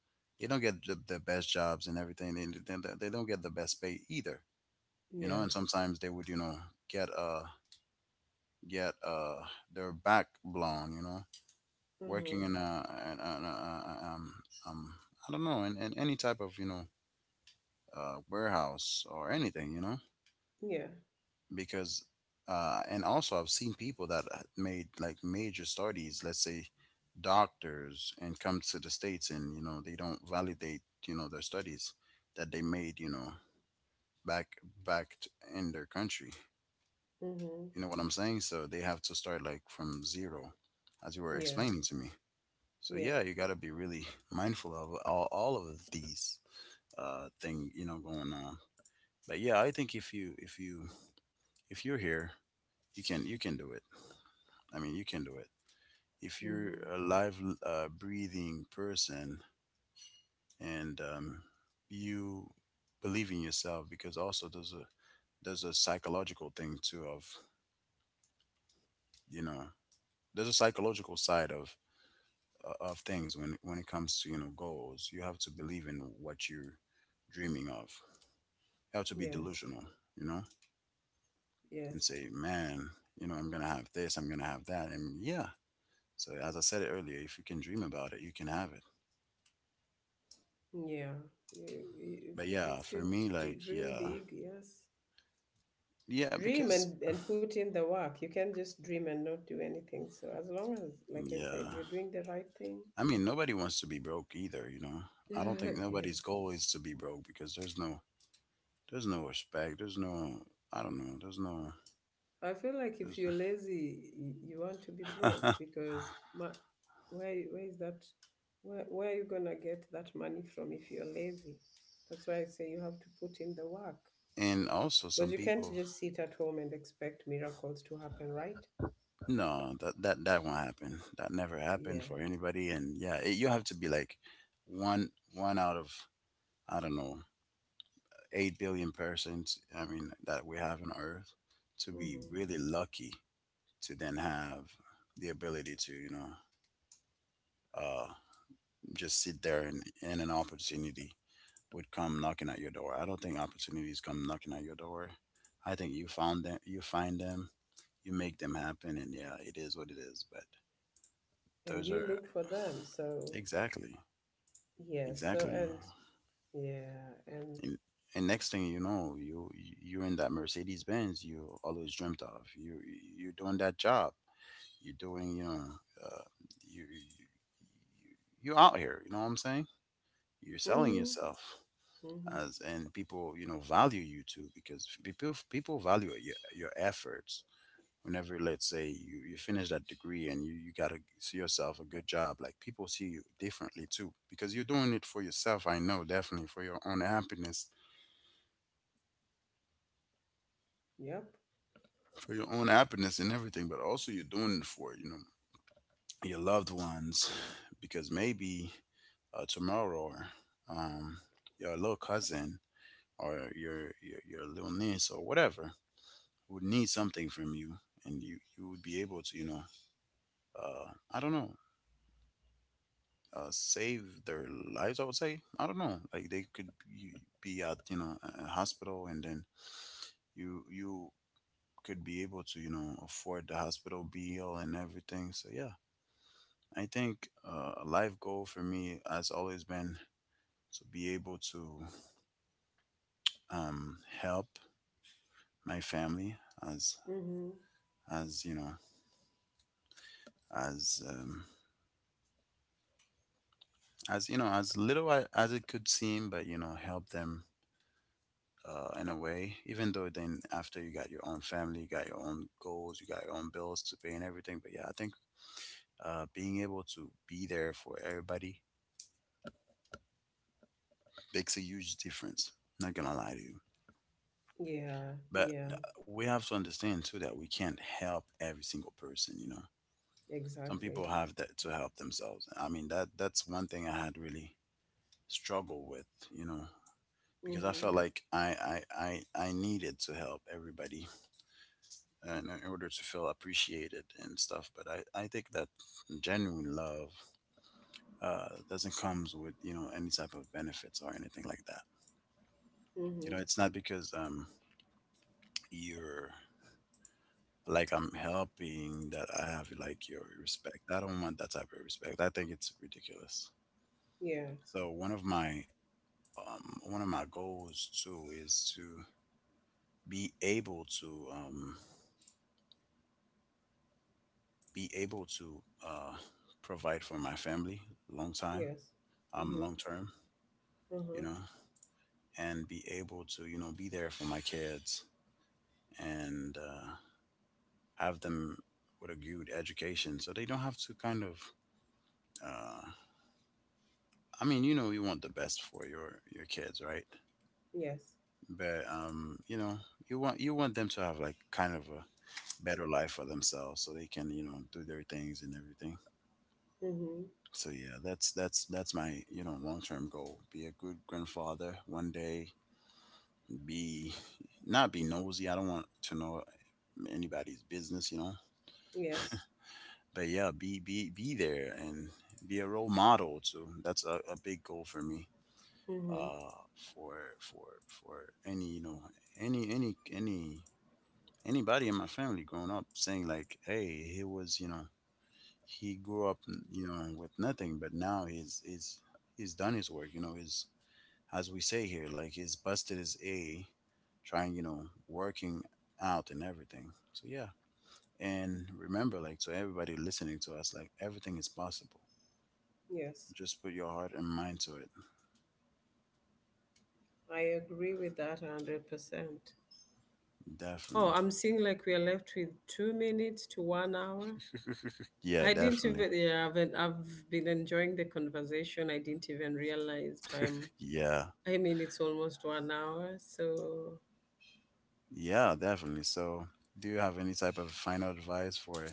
[SPEAKER 1] they don't get the, the best jobs and everything. They, they, they don't get the best pay either, you know,
[SPEAKER 2] Yeah.
[SPEAKER 1] and sometimes they would, you know, get uh get uh their back blown, you know, working
[SPEAKER 2] Mm-hmm.
[SPEAKER 1] in a, in a, in a um um I don't know, in, in any type of you know uh warehouse or anything, you know,
[SPEAKER 2] Yeah.
[SPEAKER 1] because uh and also I've seen people that uh, made like major studies, let's say doctors, and come to the states and you know they don't validate you know their studies that they made, you know, back back t- in their country.
[SPEAKER 2] Mm-hmm.
[SPEAKER 1] You know what I'm saying? So they have to start like from zero, as you were
[SPEAKER 2] Yeah.
[SPEAKER 1] explaining to me. So
[SPEAKER 2] Yeah.
[SPEAKER 1] yeah, you got to be really <laughs> mindful of all, all of these uh thing you know going on. But yeah, I think if you if you if you're here, you can you can do it. I mean, you can do it. If you're
[SPEAKER 2] Mm-hmm.
[SPEAKER 1] a live uh, breathing person and um, you believe in yourself, because also there's a there's a psychological thing too of you know there's a psychological side of uh, of things when when it comes to you know goals. You have to believe in what you're dreaming of. You have to be
[SPEAKER 2] Yes.
[SPEAKER 1] delusional, you know, and
[SPEAKER 2] Yes.
[SPEAKER 1] say, man, you know, I'm gonna have this, I'm gonna have that, and yeah. So as I said it earlier, if you can dream about it, you can have it.
[SPEAKER 2] Yeah. You- you-
[SPEAKER 1] But
[SPEAKER 2] If you,
[SPEAKER 1] yeah,
[SPEAKER 2] if you
[SPEAKER 1] for me,
[SPEAKER 2] d-
[SPEAKER 1] like
[SPEAKER 2] dream
[SPEAKER 1] yeah,
[SPEAKER 2] big, yes.
[SPEAKER 1] yeah,
[SPEAKER 2] Dream
[SPEAKER 1] because
[SPEAKER 2] and, and put in the work. You can't just dream and not do anything. So as long as, like I said,
[SPEAKER 1] yeah,
[SPEAKER 2] you're doing the right thing.
[SPEAKER 1] I mean, nobody wants to be broke either, you know. I don't think nobody's
[SPEAKER 2] <laughs>
[SPEAKER 1] goal is to be broke because there's no there's no respect, there's no I don't know, there's no
[SPEAKER 2] I feel like if
[SPEAKER 1] there's
[SPEAKER 2] you're lazy, y- you want to be broke
[SPEAKER 1] <laughs>
[SPEAKER 2] because ma- where where is that? Where where are you gonna get that money from if you're lazy? That's why I say you have to put in the work,
[SPEAKER 1] and also
[SPEAKER 2] because
[SPEAKER 1] some
[SPEAKER 2] you can't
[SPEAKER 1] people
[SPEAKER 2] just sit at home and expect miracles to happen, right?
[SPEAKER 1] No, that that that won't happen. That never happened
[SPEAKER 2] Yeah.
[SPEAKER 1] for anybody. And yeah, it, you have to be like one one out of I don't know eight billion persons. I mean that we have on Earth to be
[SPEAKER 2] Mm-hmm.
[SPEAKER 1] really lucky to then have the ability to you know uh just sit there and, and an opportunity would come knocking at your door. I don't think opportunities come knocking at your door. I think you found them. You find them. You make them happen. And yeah, it is what it is. But
[SPEAKER 2] And
[SPEAKER 1] those are
[SPEAKER 2] you look for them. So
[SPEAKER 1] exactly
[SPEAKER 2] yeah. So
[SPEAKER 1] exactly.
[SPEAKER 2] and yeah. And
[SPEAKER 1] And, and next thing you know, you you're in that Mercedes Benz you always dreamt of. You you're doing that job. You're doing, you know uh, you, you you're out here. You know what I'm saying? You're selling
[SPEAKER 2] mm-hmm.
[SPEAKER 1] yourself
[SPEAKER 2] Mm-hmm.
[SPEAKER 1] as, and people, you know, value you too because people people value your your efforts. Whenever, let's say you, you finish that degree and you, you gotta see yourself a good job, like people see you differently too because you're doing it for yourself. I know, definitely for your own happiness,
[SPEAKER 2] Yep.
[SPEAKER 1] for your own happiness and everything, but also you're doing it for, you know, your loved ones, because maybe uh, tomorrow, um, your little cousin or your, your your little niece or whatever would need something from you, and you you would be able to, you know uh, I don't know uh, save their lives. I would say, I don't know, like they could be, be at, you know, a a hospital, and then you you could be able to, you know, afford the hospital bill and everything. So yeah, I think uh, a life goal for me has always been to be able to um, help my family as,
[SPEAKER 2] Mm-hmm.
[SPEAKER 1] as you know as um, as you know, as little a- as it could seem, but you know, help them uh, in a way. Even though then after you got your own family, you got your own goals, you got your own bills to pay and everything. But yeah, I think uh, being able to be there for everybody makes a huge difference. Not gonna lie to you.
[SPEAKER 2] Yeah.
[SPEAKER 1] But
[SPEAKER 2] Yeah.
[SPEAKER 1] uh, we have to understand too that we can't help every single person. You know, some
[SPEAKER 2] Exactly.
[SPEAKER 1] people have that to help themselves. I mean, that that's one thing I had really struggled with. You know, because I
[SPEAKER 2] Mm-hmm.
[SPEAKER 1] felt like I I I, I needed to help everybody uh, in, in order to feel appreciated and stuff. But I I think that genuine love uh doesn't comes with, you know, any type of benefits or anything like that. You know,
[SPEAKER 2] Mm-hmm.
[SPEAKER 1] it's not because um you're, like, I'm helping that I have like your respect. I don't want that type of respect. I think it's ridiculous.
[SPEAKER 2] Yeah.
[SPEAKER 1] So one of my um one of my goals too is to be able to um be able to uh provide for my family long time,
[SPEAKER 2] Yes.
[SPEAKER 1] um
[SPEAKER 2] Mm-hmm.
[SPEAKER 1] long term, you
[SPEAKER 2] Uh-huh.
[SPEAKER 1] know, and be able to, you know, be there for my kids, and uh have them with a good education so they don't have to kind of, uh I mean, you know, you want the best for your your kids, right?
[SPEAKER 2] Yes.
[SPEAKER 1] But um, you know, you want you want them to have like kind of a better life for themselves, so they can, you know, do their things and everything.
[SPEAKER 2] Mm-hmm.
[SPEAKER 1] So yeah, that's that's that's my, you know, long term goal: be a good grandfather one day. Be Not be nosy. I don't want to know anybody's business, you know.
[SPEAKER 2] Yes.
[SPEAKER 1] But yeah, be be be there and be a role model too. That's a, a big goal for me.
[SPEAKER 2] Mm-hmm.
[SPEAKER 1] uh, for for for any, you know, any any any anybody in my family growing up saying like, hey, he was, you know, he grew up, you know, with nothing, but now he's he's he's done his work, you know, is, as we say here, like he's busted his a, trying, you know, working out and everything. So yeah, and remember, like, to everybody listening to us, like everything is possible,
[SPEAKER 2] Yes.
[SPEAKER 1] just put your heart and mind to it.
[SPEAKER 2] I agree with that one hundred percent. Oh,
[SPEAKER 1] Definitely.
[SPEAKER 2] I'm seeing like we're left with two minutes to one hour.
[SPEAKER 1] Yeah,
[SPEAKER 2] I didn't
[SPEAKER 1] definitely.
[SPEAKER 2] even, yeah, I've been, I've been enjoying the conversation. I didn't even realize time.
[SPEAKER 1] Yeah.
[SPEAKER 2] I mean, it's almost one hour. So,
[SPEAKER 1] Yeah, definitely. So, do you have any type of final advice for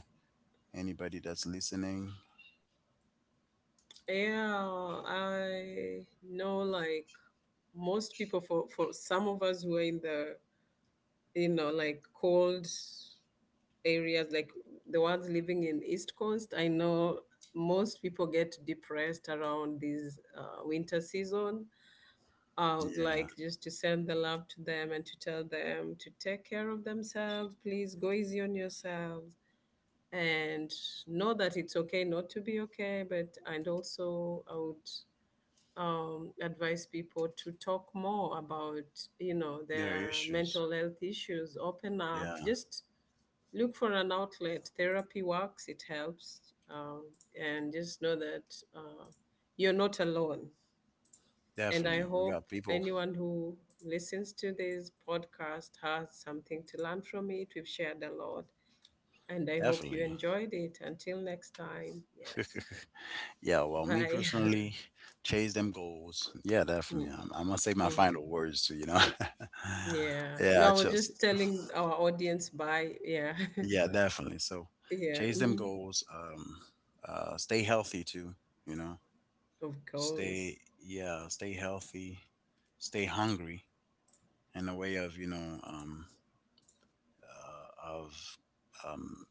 [SPEAKER 1] anybody that's listening?
[SPEAKER 2] yeah, I know like most people, for, for some of us who are in the, you know, like cold areas, like the ones living in East Coast, I know most people get depressed around this uh, winter season. I would
[SPEAKER 1] Yeah,
[SPEAKER 2] like just to send the love to them and to tell them to take care of themselves. Please go easy on yourselves and know that it's okay not to be okay. But and also, I would um, advise people to talk more about, you know,
[SPEAKER 1] there are
[SPEAKER 2] their
[SPEAKER 1] issues.
[SPEAKER 2] mental health issues. Open up.
[SPEAKER 1] Yeah,
[SPEAKER 2] Just look for an outlet. Therapy works, it helps. Um, and just know that uh, you're not alone. And I
[SPEAKER 1] definitely. We got
[SPEAKER 2] hope
[SPEAKER 1] people.
[SPEAKER 2] anyone who listens to this podcast has something to learn from it. We've shared a lot. And I hope you
[SPEAKER 1] Definitely.
[SPEAKER 2] enjoyed it. Until next time, yes.
[SPEAKER 1] <laughs> Yeah, well, me
[SPEAKER 2] Bye. <laughs>
[SPEAKER 1] personally, chase them goals. Yeah,
[SPEAKER 2] Mm,
[SPEAKER 1] definitely. I'm, I'm going to say my final
[SPEAKER 2] mm.
[SPEAKER 1] words too, you know?
[SPEAKER 2] Yeah.
[SPEAKER 1] <laughs> Yeah,
[SPEAKER 2] No,
[SPEAKER 1] I
[SPEAKER 2] I was
[SPEAKER 1] chose.
[SPEAKER 2] just telling our audience bye. Yeah.
[SPEAKER 1] Yeah, definitely. So,
[SPEAKER 2] <laughs> Yeah.
[SPEAKER 1] chase them
[SPEAKER 2] Hmm.
[SPEAKER 1] goals. Um, uh, stay healthy too, you know?
[SPEAKER 2] Of course.
[SPEAKER 1] Stay, yeah, stay healthy, stay hungry, in a way of, you know, um, uh, of um,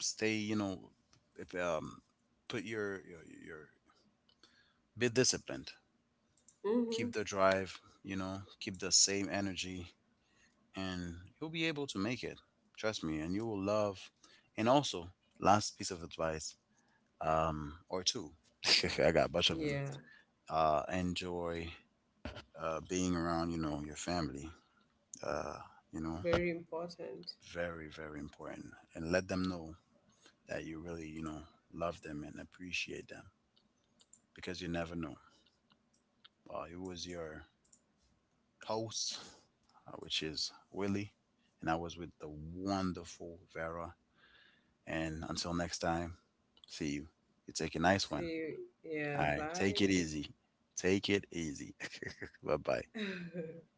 [SPEAKER 1] stay, you know if um, put your, your your be disciplined,
[SPEAKER 2] Hmm.
[SPEAKER 1] keep the drive, you know, keep the same energy, and you'll be able to make it, trust me, and you will love. And also, last piece of advice, um, or two. <laughs> I got a bunch of them.
[SPEAKER 2] Yeah.
[SPEAKER 1] Uh, enjoy uh, being around, you know, your family, uh, you know,
[SPEAKER 2] Very important.
[SPEAKER 1] very very important. And let them know that you really, you know, love them and appreciate them, because you never know. Uh, it was your host, uh, which is Willie, and I was with the wonderful Vera. And until next time, see you. You take a nice
[SPEAKER 2] See
[SPEAKER 1] one.
[SPEAKER 2] you. Yeah,
[SPEAKER 1] All right, take it
[SPEAKER 2] bye.
[SPEAKER 1] easy. Take it easy. <laughs> Bye bye.
[SPEAKER 2] <laughs>